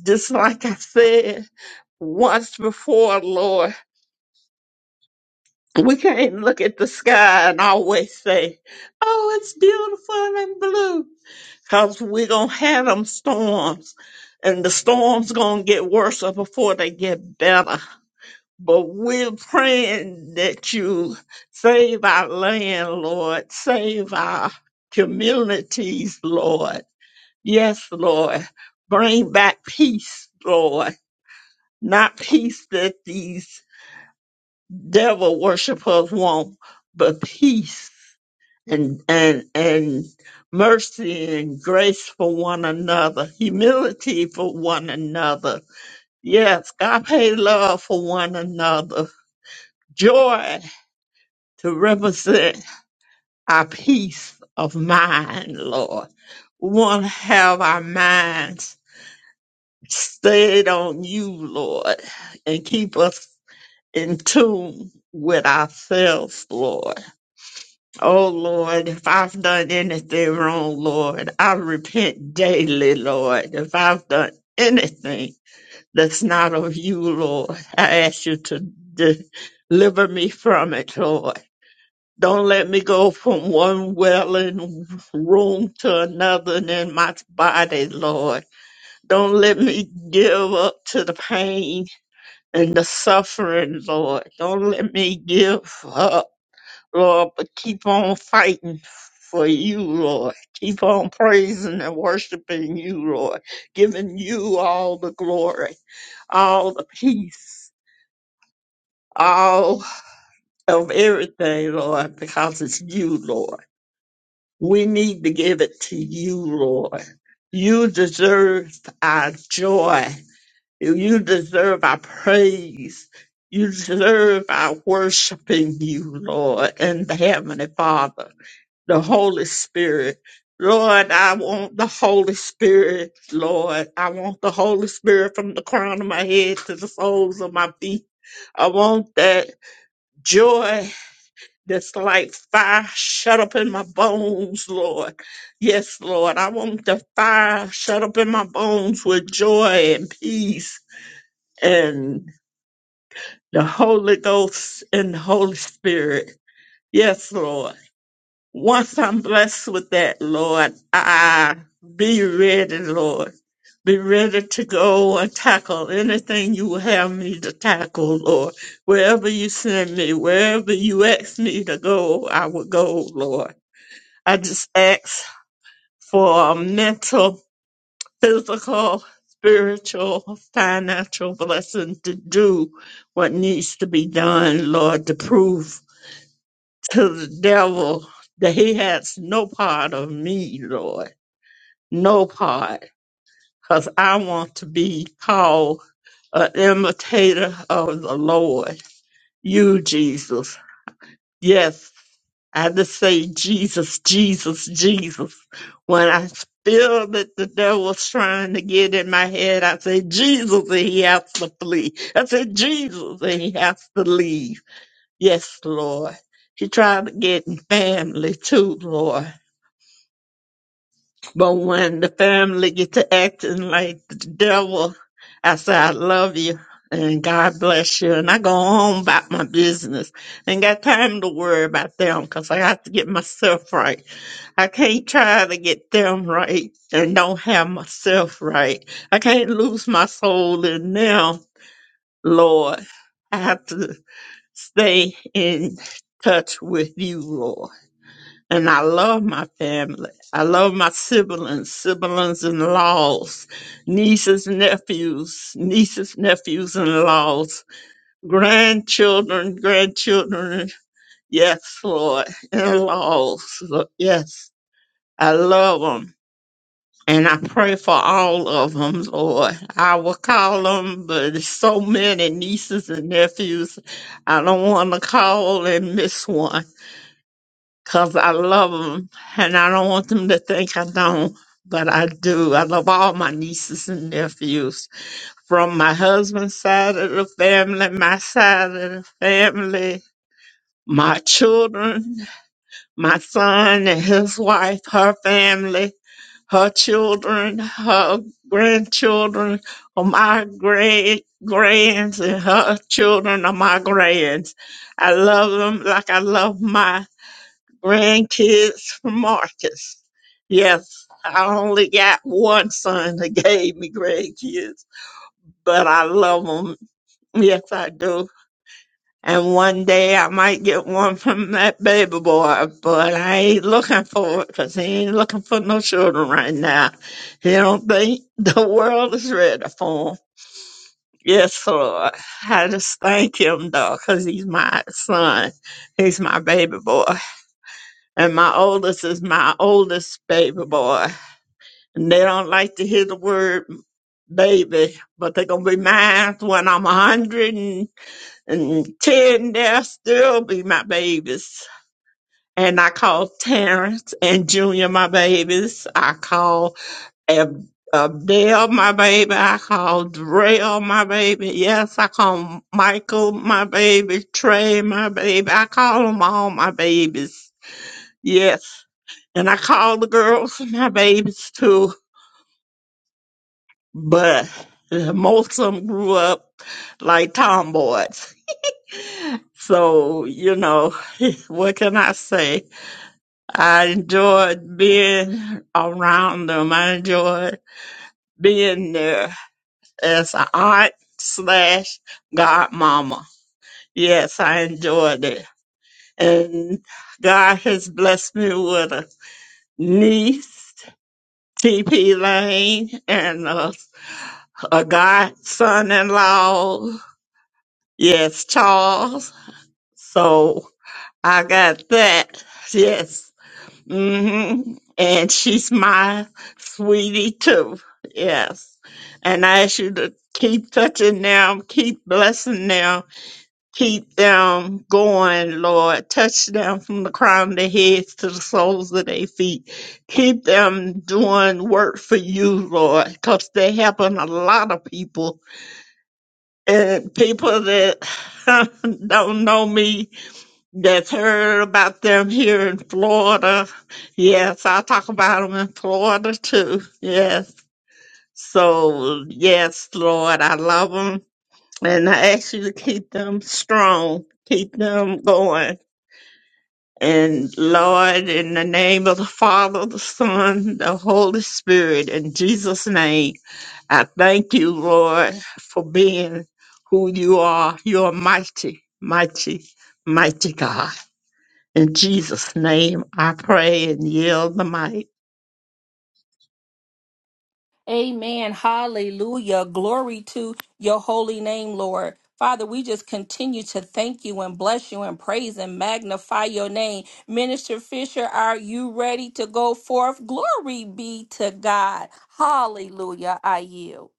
Just like I said once before, Lord. *laughs* We can't look at the sky and always say, oh, it's beautiful and blue. Cause we're going to have them storms and the storms going to get worse before they get better. But we're praying that you save our land, Lord. Save our communities, Lord. Yes, Lord. Bring back peace, Lord. Not peace that these devil worshipers want, but peace and and and mercy and grace for one another, humility for one another. Yes, God pay love for one another, joy to represent our peace of mind, Lord. We want to have our minds stayed on you, Lord, and keep us in tune with ourselves, Lord. Oh Lord, if I've done anything wrong, Lord, I repent daily, Lord. If I've done anything that's not of you, Lord, I ask you to de- deliver me from it, Lord. Don't let me go from one welling room to another in my body, Lord. Don't let me give up to the pain and the suffering, Lord. Don't let me give up. Lord, but keep on fighting for you, Lord. Keep on praising and worshiping you, Lord, giving you all the glory, all the peace, all of everything, Lord, because it's you, Lord. We need to give it to you, Lord. You deserve our joy. You deserve our praise. You deserve our worshiping you, Lord, and the Heavenly Father. the Holy Spirit. Lord, I want the Holy Spirit, Lord. I want the Holy Spirit from the crown of my head to the soles of my feet. I want that joy that's like fire shut up in my bones, Lord. Yes, Lord. I want the fire shut up in my bones with joy and peace and the Holy Ghost and the Holy Spirit. Yes, Lord. Once I'm blessed with that, Lord, I be ready, Lord. Be ready to go and tackle anything you have me to tackle, Lord. Wherever you send me, wherever you ask me to go, I will go, Lord. I just ask for a mental, physical, spiritual, financial blessing to do what needs to be done, Lord, to prove to the devil that he has no part of me, Lord. No part. Because I want to be called an imitator of the Lord. You, Jesus. Yes, I just say Jesus, Jesus, Jesus. When I feel that the devil's trying to get in my head, I say Jesus and he has to flee. I say Jesus and he has to leave. Yes, Lord. He tried to get in family too, Lord. But when the family get to acting like the devil, I say, I love you and God bless you. And I go home about my business. Ain't got time to worry about them 'cause I got to get myself right. I can't try to get them right and don't have myself right. I can't lose my soul in them, Lord. I have to stay in touch with you, Lord and I love my family. I love my siblings, siblings in laws, nieces, nephews, nieces, nephews in laws, grandchildren, grandchildren. Yes, Lord, in laws. Yes, I love them. And I pray for all of them, Lord. I will call them, but it's so many nieces and nephews. I don't want to call and miss one because I love them and I don't want them to think I don't, but I do. I love all my nieces and nephews from my husband's side of the family, my side of the family, my children, my son and his wife, her family, her children, her grandchildren, or my great grands and her children are my grands. I love them like I love my grandkids from Marcus. Yes, I only got one son that *laughs* gave me grandkids, but I love them. Yes, I do. And one day I might get one from that baby boy, but I ain't looking for it because he ain't looking for no children right now. He don't think *laughs* the world is ready for him. Yes, Lord. I just thank him, though, cause he's my son. He's my baby boy. And my oldest is my oldest baby boy. And they don't like to hear the word baby, but they're going to be mine when I'm 110. They'll still be my babies. And I call Terrence and Junior my babies. I call Ab- Abdel my baby. I call Darrell my baby. Yes, I call Michael my baby. Trey my baby. I call them all my babies. Yes. And I called the girls, my babies too, but uh, most of them grew up like tomboys. So, you know, *laughs* what can I say? I enjoyed being around them. I enjoyed being there as an aunt slash godmama. Yes, I enjoyed it. And God has blessed me with a niece, TP Lane, and a a godson in law. Yes, Charles. So I got that. Yes. hmm And she's my sweetie too. Yes. And I ask you to keep touching them, keep blessing them, keep them going, Lord. Touch them from the crown of their heads to the soles of their feet. Keep them doing work for you, Lord, because they're helping a lot of people And people that *laughs* don't know me, that's heard about them here in Florida. Yes, I talk about them in Florida too. Yes. So, yes, Lord, I love them. And I ask you to keep them strong, keep them going. And Lord, in the name of the Father, the Son, the Holy Spirit, in Jesus' name, I thank you, Lord, for being who you are. You are mighty, mighty, mighty God. In Jesus' name, I pray and yield the might.
Amen. Hallelujah. Glory to your holy name, Lord. Father, we just continue to thank you and bless you and praise and magnify your name. Minister Fisher, are you ready to go forth? Glory be to God. Hallelujah. I yield.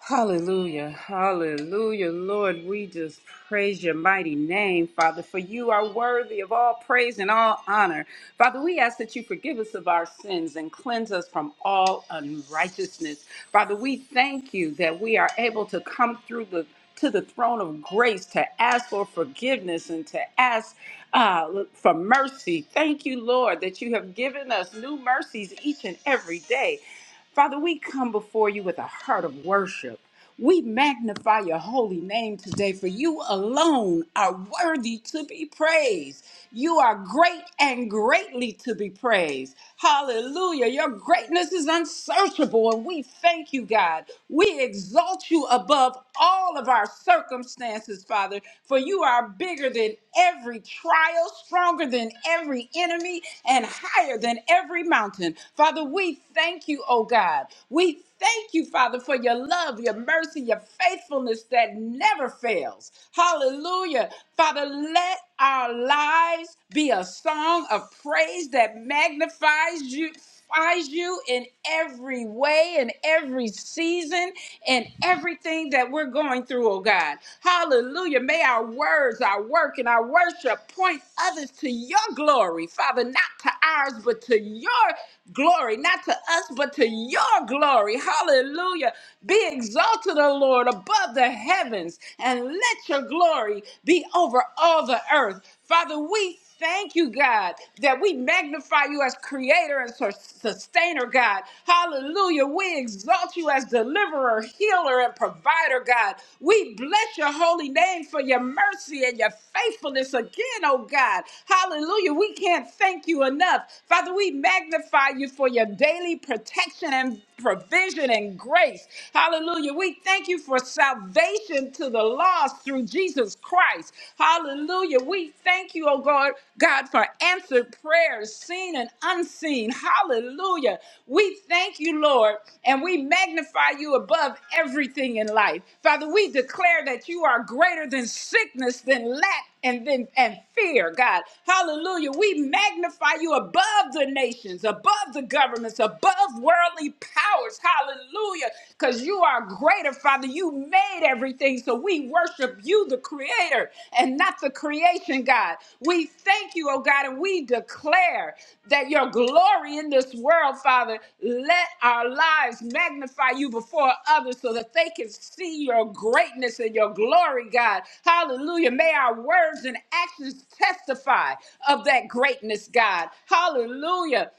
Hallelujah, hallelujah, Lord. We just praise your mighty name, Father, for you are worthy of all praise and all honor. Father, we ask that you forgive us of our sins and cleanse us from all unrighteousness. Father, we thank you that we are able to come through the to the throne of grace to ask for forgiveness and to ask uh, for mercy. Thank you, Lord, that you have given us new mercies each and every day. Father, we come before you with a heart of worship. We magnify your holy name today, for you alone are worthy to be praised. You are great and greatly to be praised. Hallelujah. Your greatness is unsearchable, and we thank you, God. We exalt you above all of our circumstances, Father, for you are bigger than every trial, stronger than every enemy, and higher than every mountain. Father, we thank you, oh God. We thank you, Father, for your love, your mercy, your faithfulness that never fails. Hallelujah. Father, let our lives be a song of praise that magnifies you. magnifies You in every way, in every season, in everything that we're going through, oh God. Hallelujah. May our words, our work, and our worship point others to your glory, Father, not to ours, ours, but to your glory, not to us, but to your glory. Hallelujah. Be exalted, O Lord, above the heavens, and let your glory be over all the earth. Father, we thank you, God, that we magnify you as creator and sus- sustainer, God. Hallelujah. We exalt you as deliverer, healer, and provider, God. We bless your holy name for your mercy and your faithfulness again, oh God. Hallelujah. We can't thank you enough. Father, we magnify you for your daily protection and provision and grace. Hallelujah. We thank you for salvation to the lost through Jesus Christ. Hallelujah. We thank you, oh God, God, for answered prayers, seen and unseen. Hallelujah. We thank you, Lord, and we magnify you above everything in life. Father, we declare that you are greater than sickness, than lack and then and fear, God. Hallelujah. We magnify you above the nations, above the governments, above worldly powers. Hallelujah. Because you are greater, Father. You made everything. So we worship you, the creator, and not the creation, God. We thank you, oh God, and we declare that your glory in this world, Father, let our lives magnify you before others so that they can see your greatness and your glory, God. Hallelujah. May our words and actions testify of that greatness, God. Hallelujah.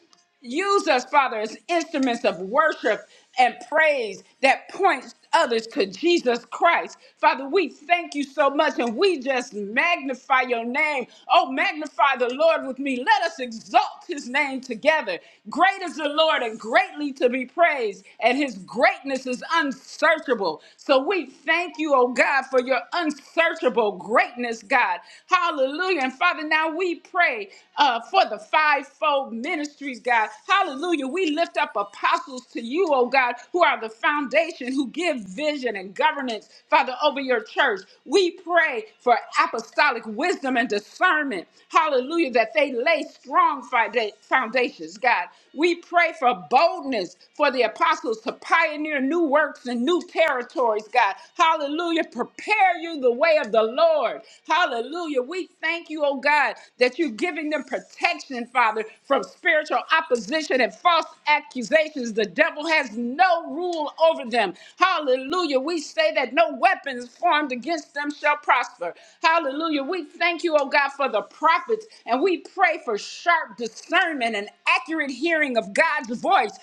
Use us, Father, as instruments of worship and praise that points others to Jesus Christ. Father, we thank you so much and we just magnify your name. Oh, magnify the Lord with me. Let us exalt his name together. Great is the Lord and greatly to be praised, and his greatness is unsearchable. So we thank you, oh God, for for your unsearchable greatness, God. Hallelujah. And Father, now we pray uh, for the fivefold ministries, God. Hallelujah. We lift up apostles to you, oh God, who are the foundation, who give vision and governance, Father, over your church. We pray for apostolic wisdom and discernment. Hallelujah. That they lay strong fida- foundations, God. We pray for boldness for the apostles to pioneer new works and new territories, God. Hallelujah. Prepare you the way of the Lord. Hallelujah. We thank you, oh God, that you're giving them protection, Father, from spiritual opposition and false accusations. The devil has no rule over them. Hallelujah. We say that no weapons formed against them shall prosper. Hallelujah. We thank you, oh God, for the prophets, and we pray for sharp discernment and accurate hearing of God's voice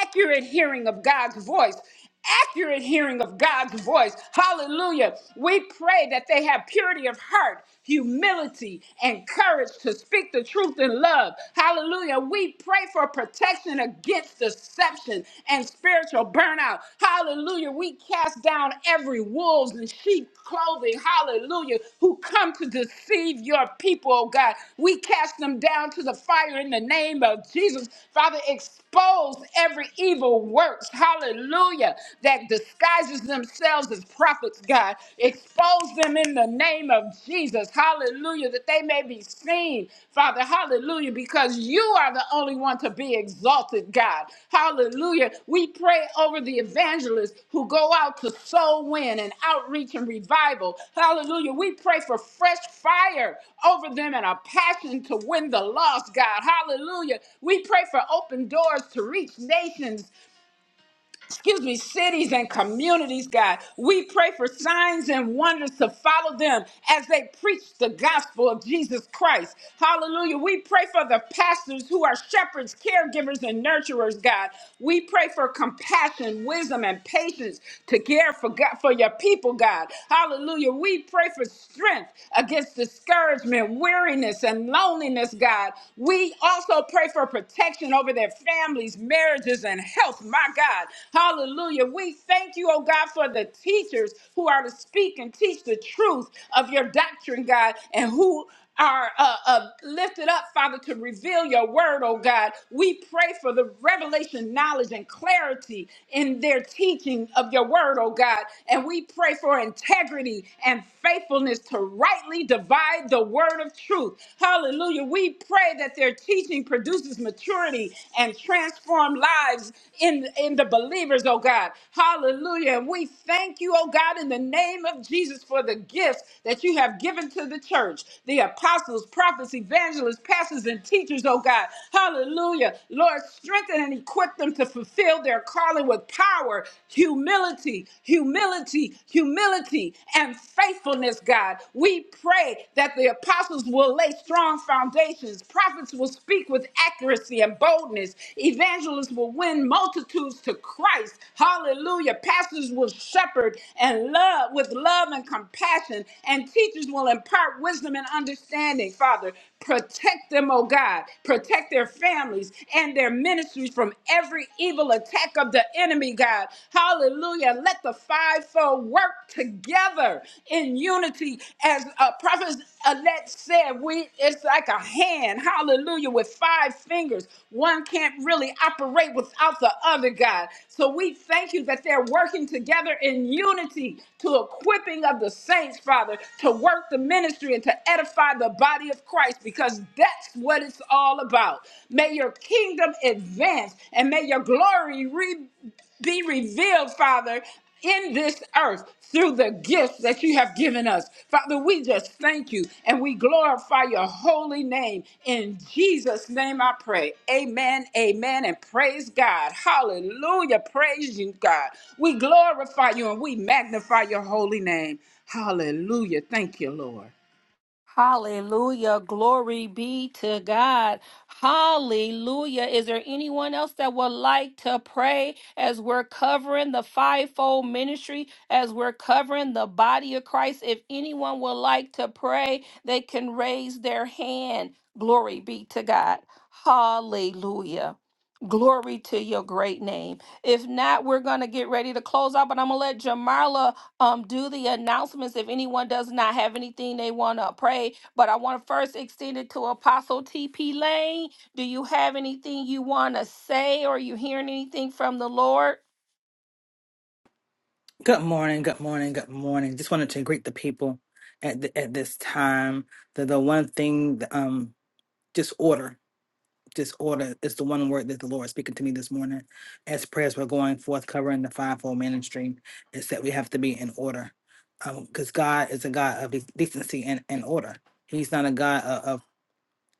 accurate hearing of God's voice accurate hearing of God's voice. Hallelujah. We pray that they have purity of heart, humility, and courage to speak the truth in love. Hallelujah. We pray for protection against deception and spiritual burnout. Hallelujah. We cast down every wolves and sheep clothing. Hallelujah. Who come to deceive your people, oh God. We cast them down to the fire in the name of Jesus. Father, expose every evil works hallelujah, that disguises themselves as prophets, God. Expose them in the name of Jesus, hallelujah, that they may be seen, Father, hallelujah, because you are the only one to be exalted, God, hallelujah. We pray over the evangelists who go out to soul win and outreach and revival, hallelujah. We pray for fresh fire over them and a passion to win the lost, God, hallelujah. We pray for open doors to reach nations, excuse me, cities and communities, God. We pray for signs and wonders to follow them as they preach the gospel of Jesus Christ. Hallelujah. We pray for the pastors who are shepherds, caregivers, and nurturers, God. We pray for compassion, wisdom, and patience to care for God, for your people, God. Hallelujah. We pray for strength against discouragement, weariness, and loneliness, God. We also pray for protection over their families, marriages, and health. My God. Hallelujah. We thank you, oh God, for the teachers who are to speak and teach the truth of your doctrine, God, and who are uh, uh, lifted up, Father, to reveal your word, oh God. We pray for the revelation, knowledge, and clarity in their teaching of your word, oh God. And we pray for integrity and faithfulness to rightly divide the word word of truth. Hallelujah. We pray that their teaching produces maturity and transform lives in, in the believers, oh God. Hallelujah. And we thank you, oh God, in the name of Jesus for the gifts that you have given to the church the apostles, prophets, evangelists, pastors, and teachers, oh God. Hallelujah. Lord, strengthen and equip them to fulfill their calling with power, humility, humility, humility humility and faithfulness, God. We pray that the apostles will lay strong foundations, prophets will speak with accuracy and boldness, evangelists will win multitudes to Christ. Hallelujah. Pastors will shepherd and love with love and compassion, and teachers will impart wisdom and understanding, Father. Protect them, oh God. Protect their families and their ministries from every evil attack attack of the enemy, God. Hallelujah. Let the fivefold work together in unity. As uh, Prophet Alette said, we it's like a hand, hallelujah, with five fingers. One can't really operate without the other, God. So we thank you that they're working together in unity to equipping of the saints, Father, to work the ministry and to edify the body of Christ because that's what it's all all about. May your kingdom advance and may your glory re- be revealed, Father, in this earth through the gifts that you have given us. Father, we just thank you and we glorify your holy name. In Jesus' name I pray. Amen, amen, and praise God. Hallelujah. Praise you, God. We glorify you and we magnify your holy name. Hallelujah. Thank you, Lord.
Hallelujah. Glory be to God. Hallelujah. Is there anyone else that would like to pray as we're covering the fivefold ministry, as we're covering the body of Christ? If anyone would like to pray, they can raise their hand. Glory be to God. Hallelujah. Glory to your great name. If not, we're going to get ready to close out, but I'm going to let Jamarla um do the announcements if anyone does not have anything they want to pray but i want to first extend it to apostle tp lane do you have anything you want to say or are you hearing anything from the lord
Good morning, good morning, good morning. Just wanted to greet the people at the, at this time. The the one thing, um, disorder, disorder is the one word that the Lord is speaking to me this morning. As prayers were going forth, covering the fivefold ministry, is that we have to be in order, because God is a God of de- decency and, and order. He's not a God of, of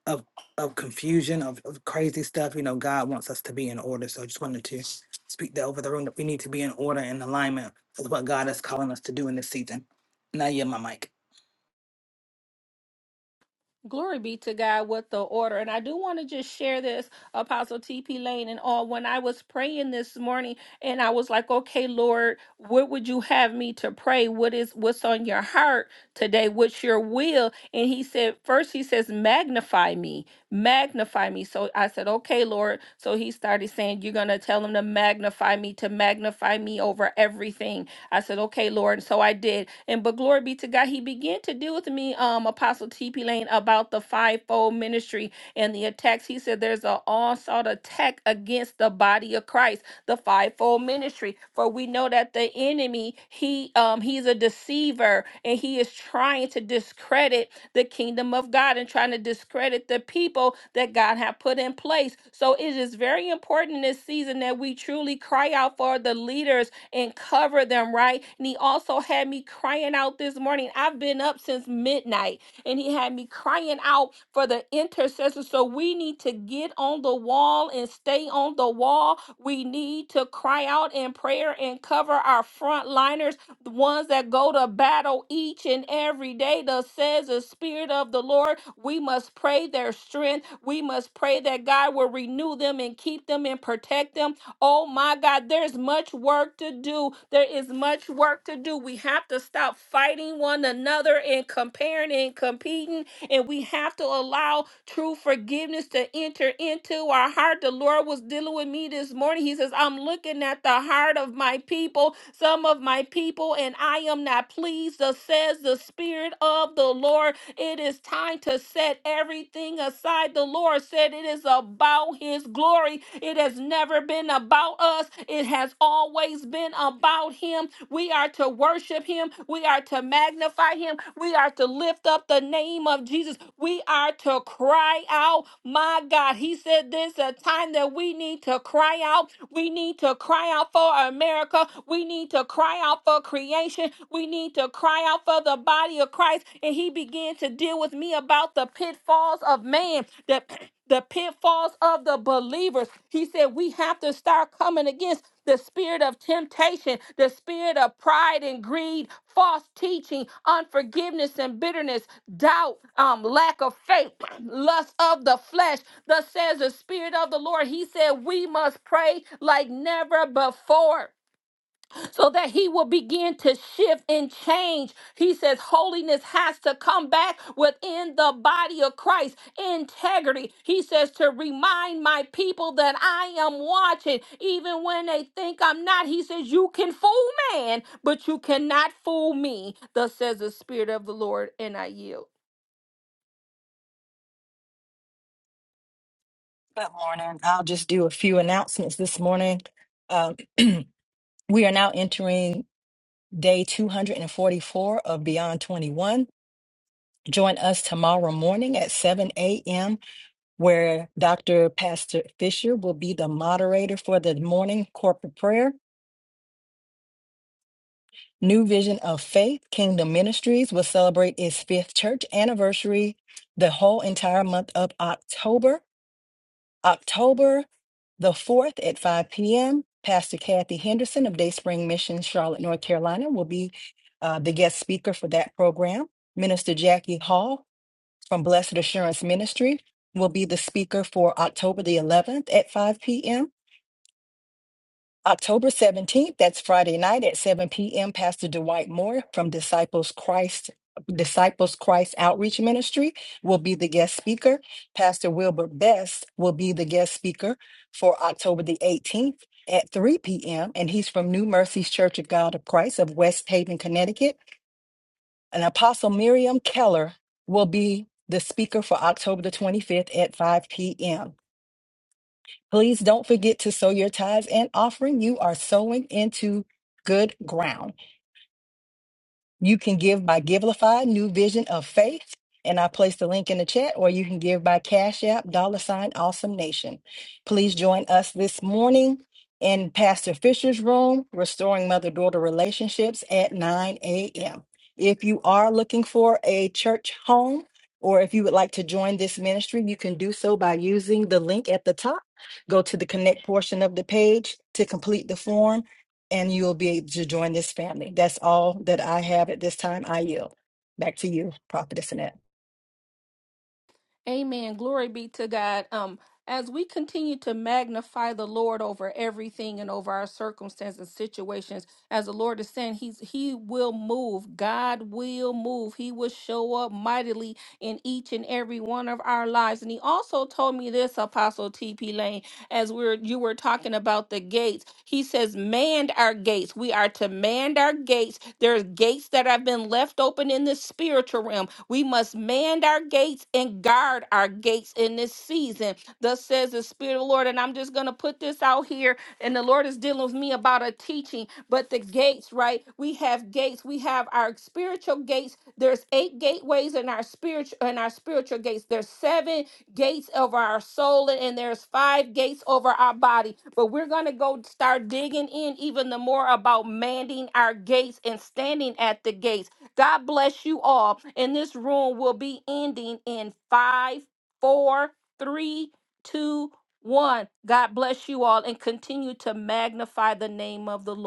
of of confusion of, of crazy stuff you know god wants us to be in order so i just wanted to speak that over the room that we need to be in order and alignment with what god is calling us to do in this season now yeah my mic
Glory be to God with the order. And I do want to just share this, Apostle TP Lane and all. When I was praying this morning and I was like, okay, Lord, what would you have me to pray? What is what's on your heart today? What's your will? And he said, first he says, magnify me. magnify me. So I said, okay, Lord. So he started saying, you're going to tell him to magnify me, to magnify me over everything. I said, okay, Lord. And so I did. And but glory be to God, he began to deal with me, um, Apostle T.P. Lane, about the fivefold ministry and the attacks. He said there's an onslaught attack against the body of Christ, the fivefold ministry. For we know that the enemy, he um he's a deceiver and he is trying to discredit the kingdom of God and trying to discredit the people that God have put in place. So it is very important in this season that we truly cry out for the leaders and cover them, right? And he also had me crying out this morning. I've been up since midnight and he had me crying out for the intercessors. So we need to get on the wall and stay on the wall. We need to cry out in prayer and cover our frontliners, the ones that go to battle each and every day. Thus says the Spirit of the Lord, we must pray their strength. We must pray that God will renew them and keep them and protect them. Oh my God, there's much work to do. There is much work to do. We have to stop fighting one another and comparing and competing and we have to allow true forgiveness to enter into our heart. The Lord was dealing with me this morning. He says, I'm looking at the heart of my people, some of my people, and I am not pleased, thus says the Spirit of the Lord. It is time to set everything aside. The Lord said it is about His glory. It has never been about us, it has always been about him. We are to worship him. We are to magnify him. We are to lift up the name of Jesus. We are to cry out, my God. He said this is a time that we need to cry out. We need to cry out for America. We need to cry out for creation. We need to cry out for the body of Christ. And he began to deal with me about the pitfalls of man, the, *clears throat* the pitfalls of the believers. He said, We have to start coming against the spirit of temptation, the spirit of pride and greed, false teaching, unforgiveness and bitterness, doubt, um, lack of faith, *clears throat* lust of the flesh. Thus says the spirit of the Lord. He said, We must pray like never before so that he will begin to shift and change. He says holiness has to come back within the body of Christ. Integrity. He says to remind my people that I am watching, even when they think I'm not. He says, You can fool man, but you cannot fool me. Thus says the Spirit of the Lord, and I yield.
Good morning. I'll just do a few announcements this morning. Um, we are now entering day 244 of Beyond 21. Join us tomorrow morning at 7 a.m., where Dr. Pastor Fisher will be the moderator for the morning corporate prayer. New Vision of Faith Kingdom Ministries will celebrate its fifth church anniversary the whole entire month of October. October the 4th at 5 p.m., Pastor Kathy Henderson of Dayspring Mission, Charlotte, North Carolina, will be uh, the guest speaker for that program. Minister Jackie Hall from Blessed Assurance Ministry will be the speaker for October the 11th at 5 p.m. October 17th, that's Friday night at 7 p.m., Pastor Dwight Moore from Disciples Christ. Disciples Christ Outreach Ministry will be the guest speaker. Pastor Wilbur Best will be the guest speaker for October the 18th at 3 p.m. And he's from New Mercies Church of God of Christ of West Haven, Connecticut. And Apostle Miriam Keller will be the speaker for October the 25th at 5 p.m. Please don't forget to sow your tithes and offering. You are sowing into good ground. You can give by Givelify, New Vision of Faith, and I placed the link in the chat, or you can give by Cash App, dollar sign, Awesome Nation. Please join us this morning in Pastor Fisher's room, Restoring Mother Daughter Relationships at 9 a.m. If you are looking for a church home, or if you would like to join this ministry, you can do so by using the link at the top. Go to the connect portion of the page to complete the form and you'll be able to join this family. That's all that I have at this time. I yield. Back to you, Prophetess Annette.
Amen. Glory be to God. Um, as we continue to magnify the Lord over everything and over our circumstances and situations, as the Lord is saying, He's He will move. God will move. He will show up mightily in each and every one of our lives. And He also told me this, Apostle T.P. Lane, as we are you were talking about the gates. He says, "Manned our gates. We are to manned our gates. There's gates that have been left open in the spiritual realm. We must manned our gates and." and guard our gates in this season. Thus says the Spirit of the Lord. And I'm just going to put this out here. And the Lord is dealing with me about a teaching, but the gates, right? We have gates. We have our spiritual gates. There's eight gateways in our spiritual in our spiritual gates. There's seven gates over our soul, and there's five gates over our body. But we're gonna go start digging in even the more about manning our gates and standing at the gates God bless you all. And this room will be ending in five, four, three, two, one. God bless you all and continue to magnify the name of the Lord.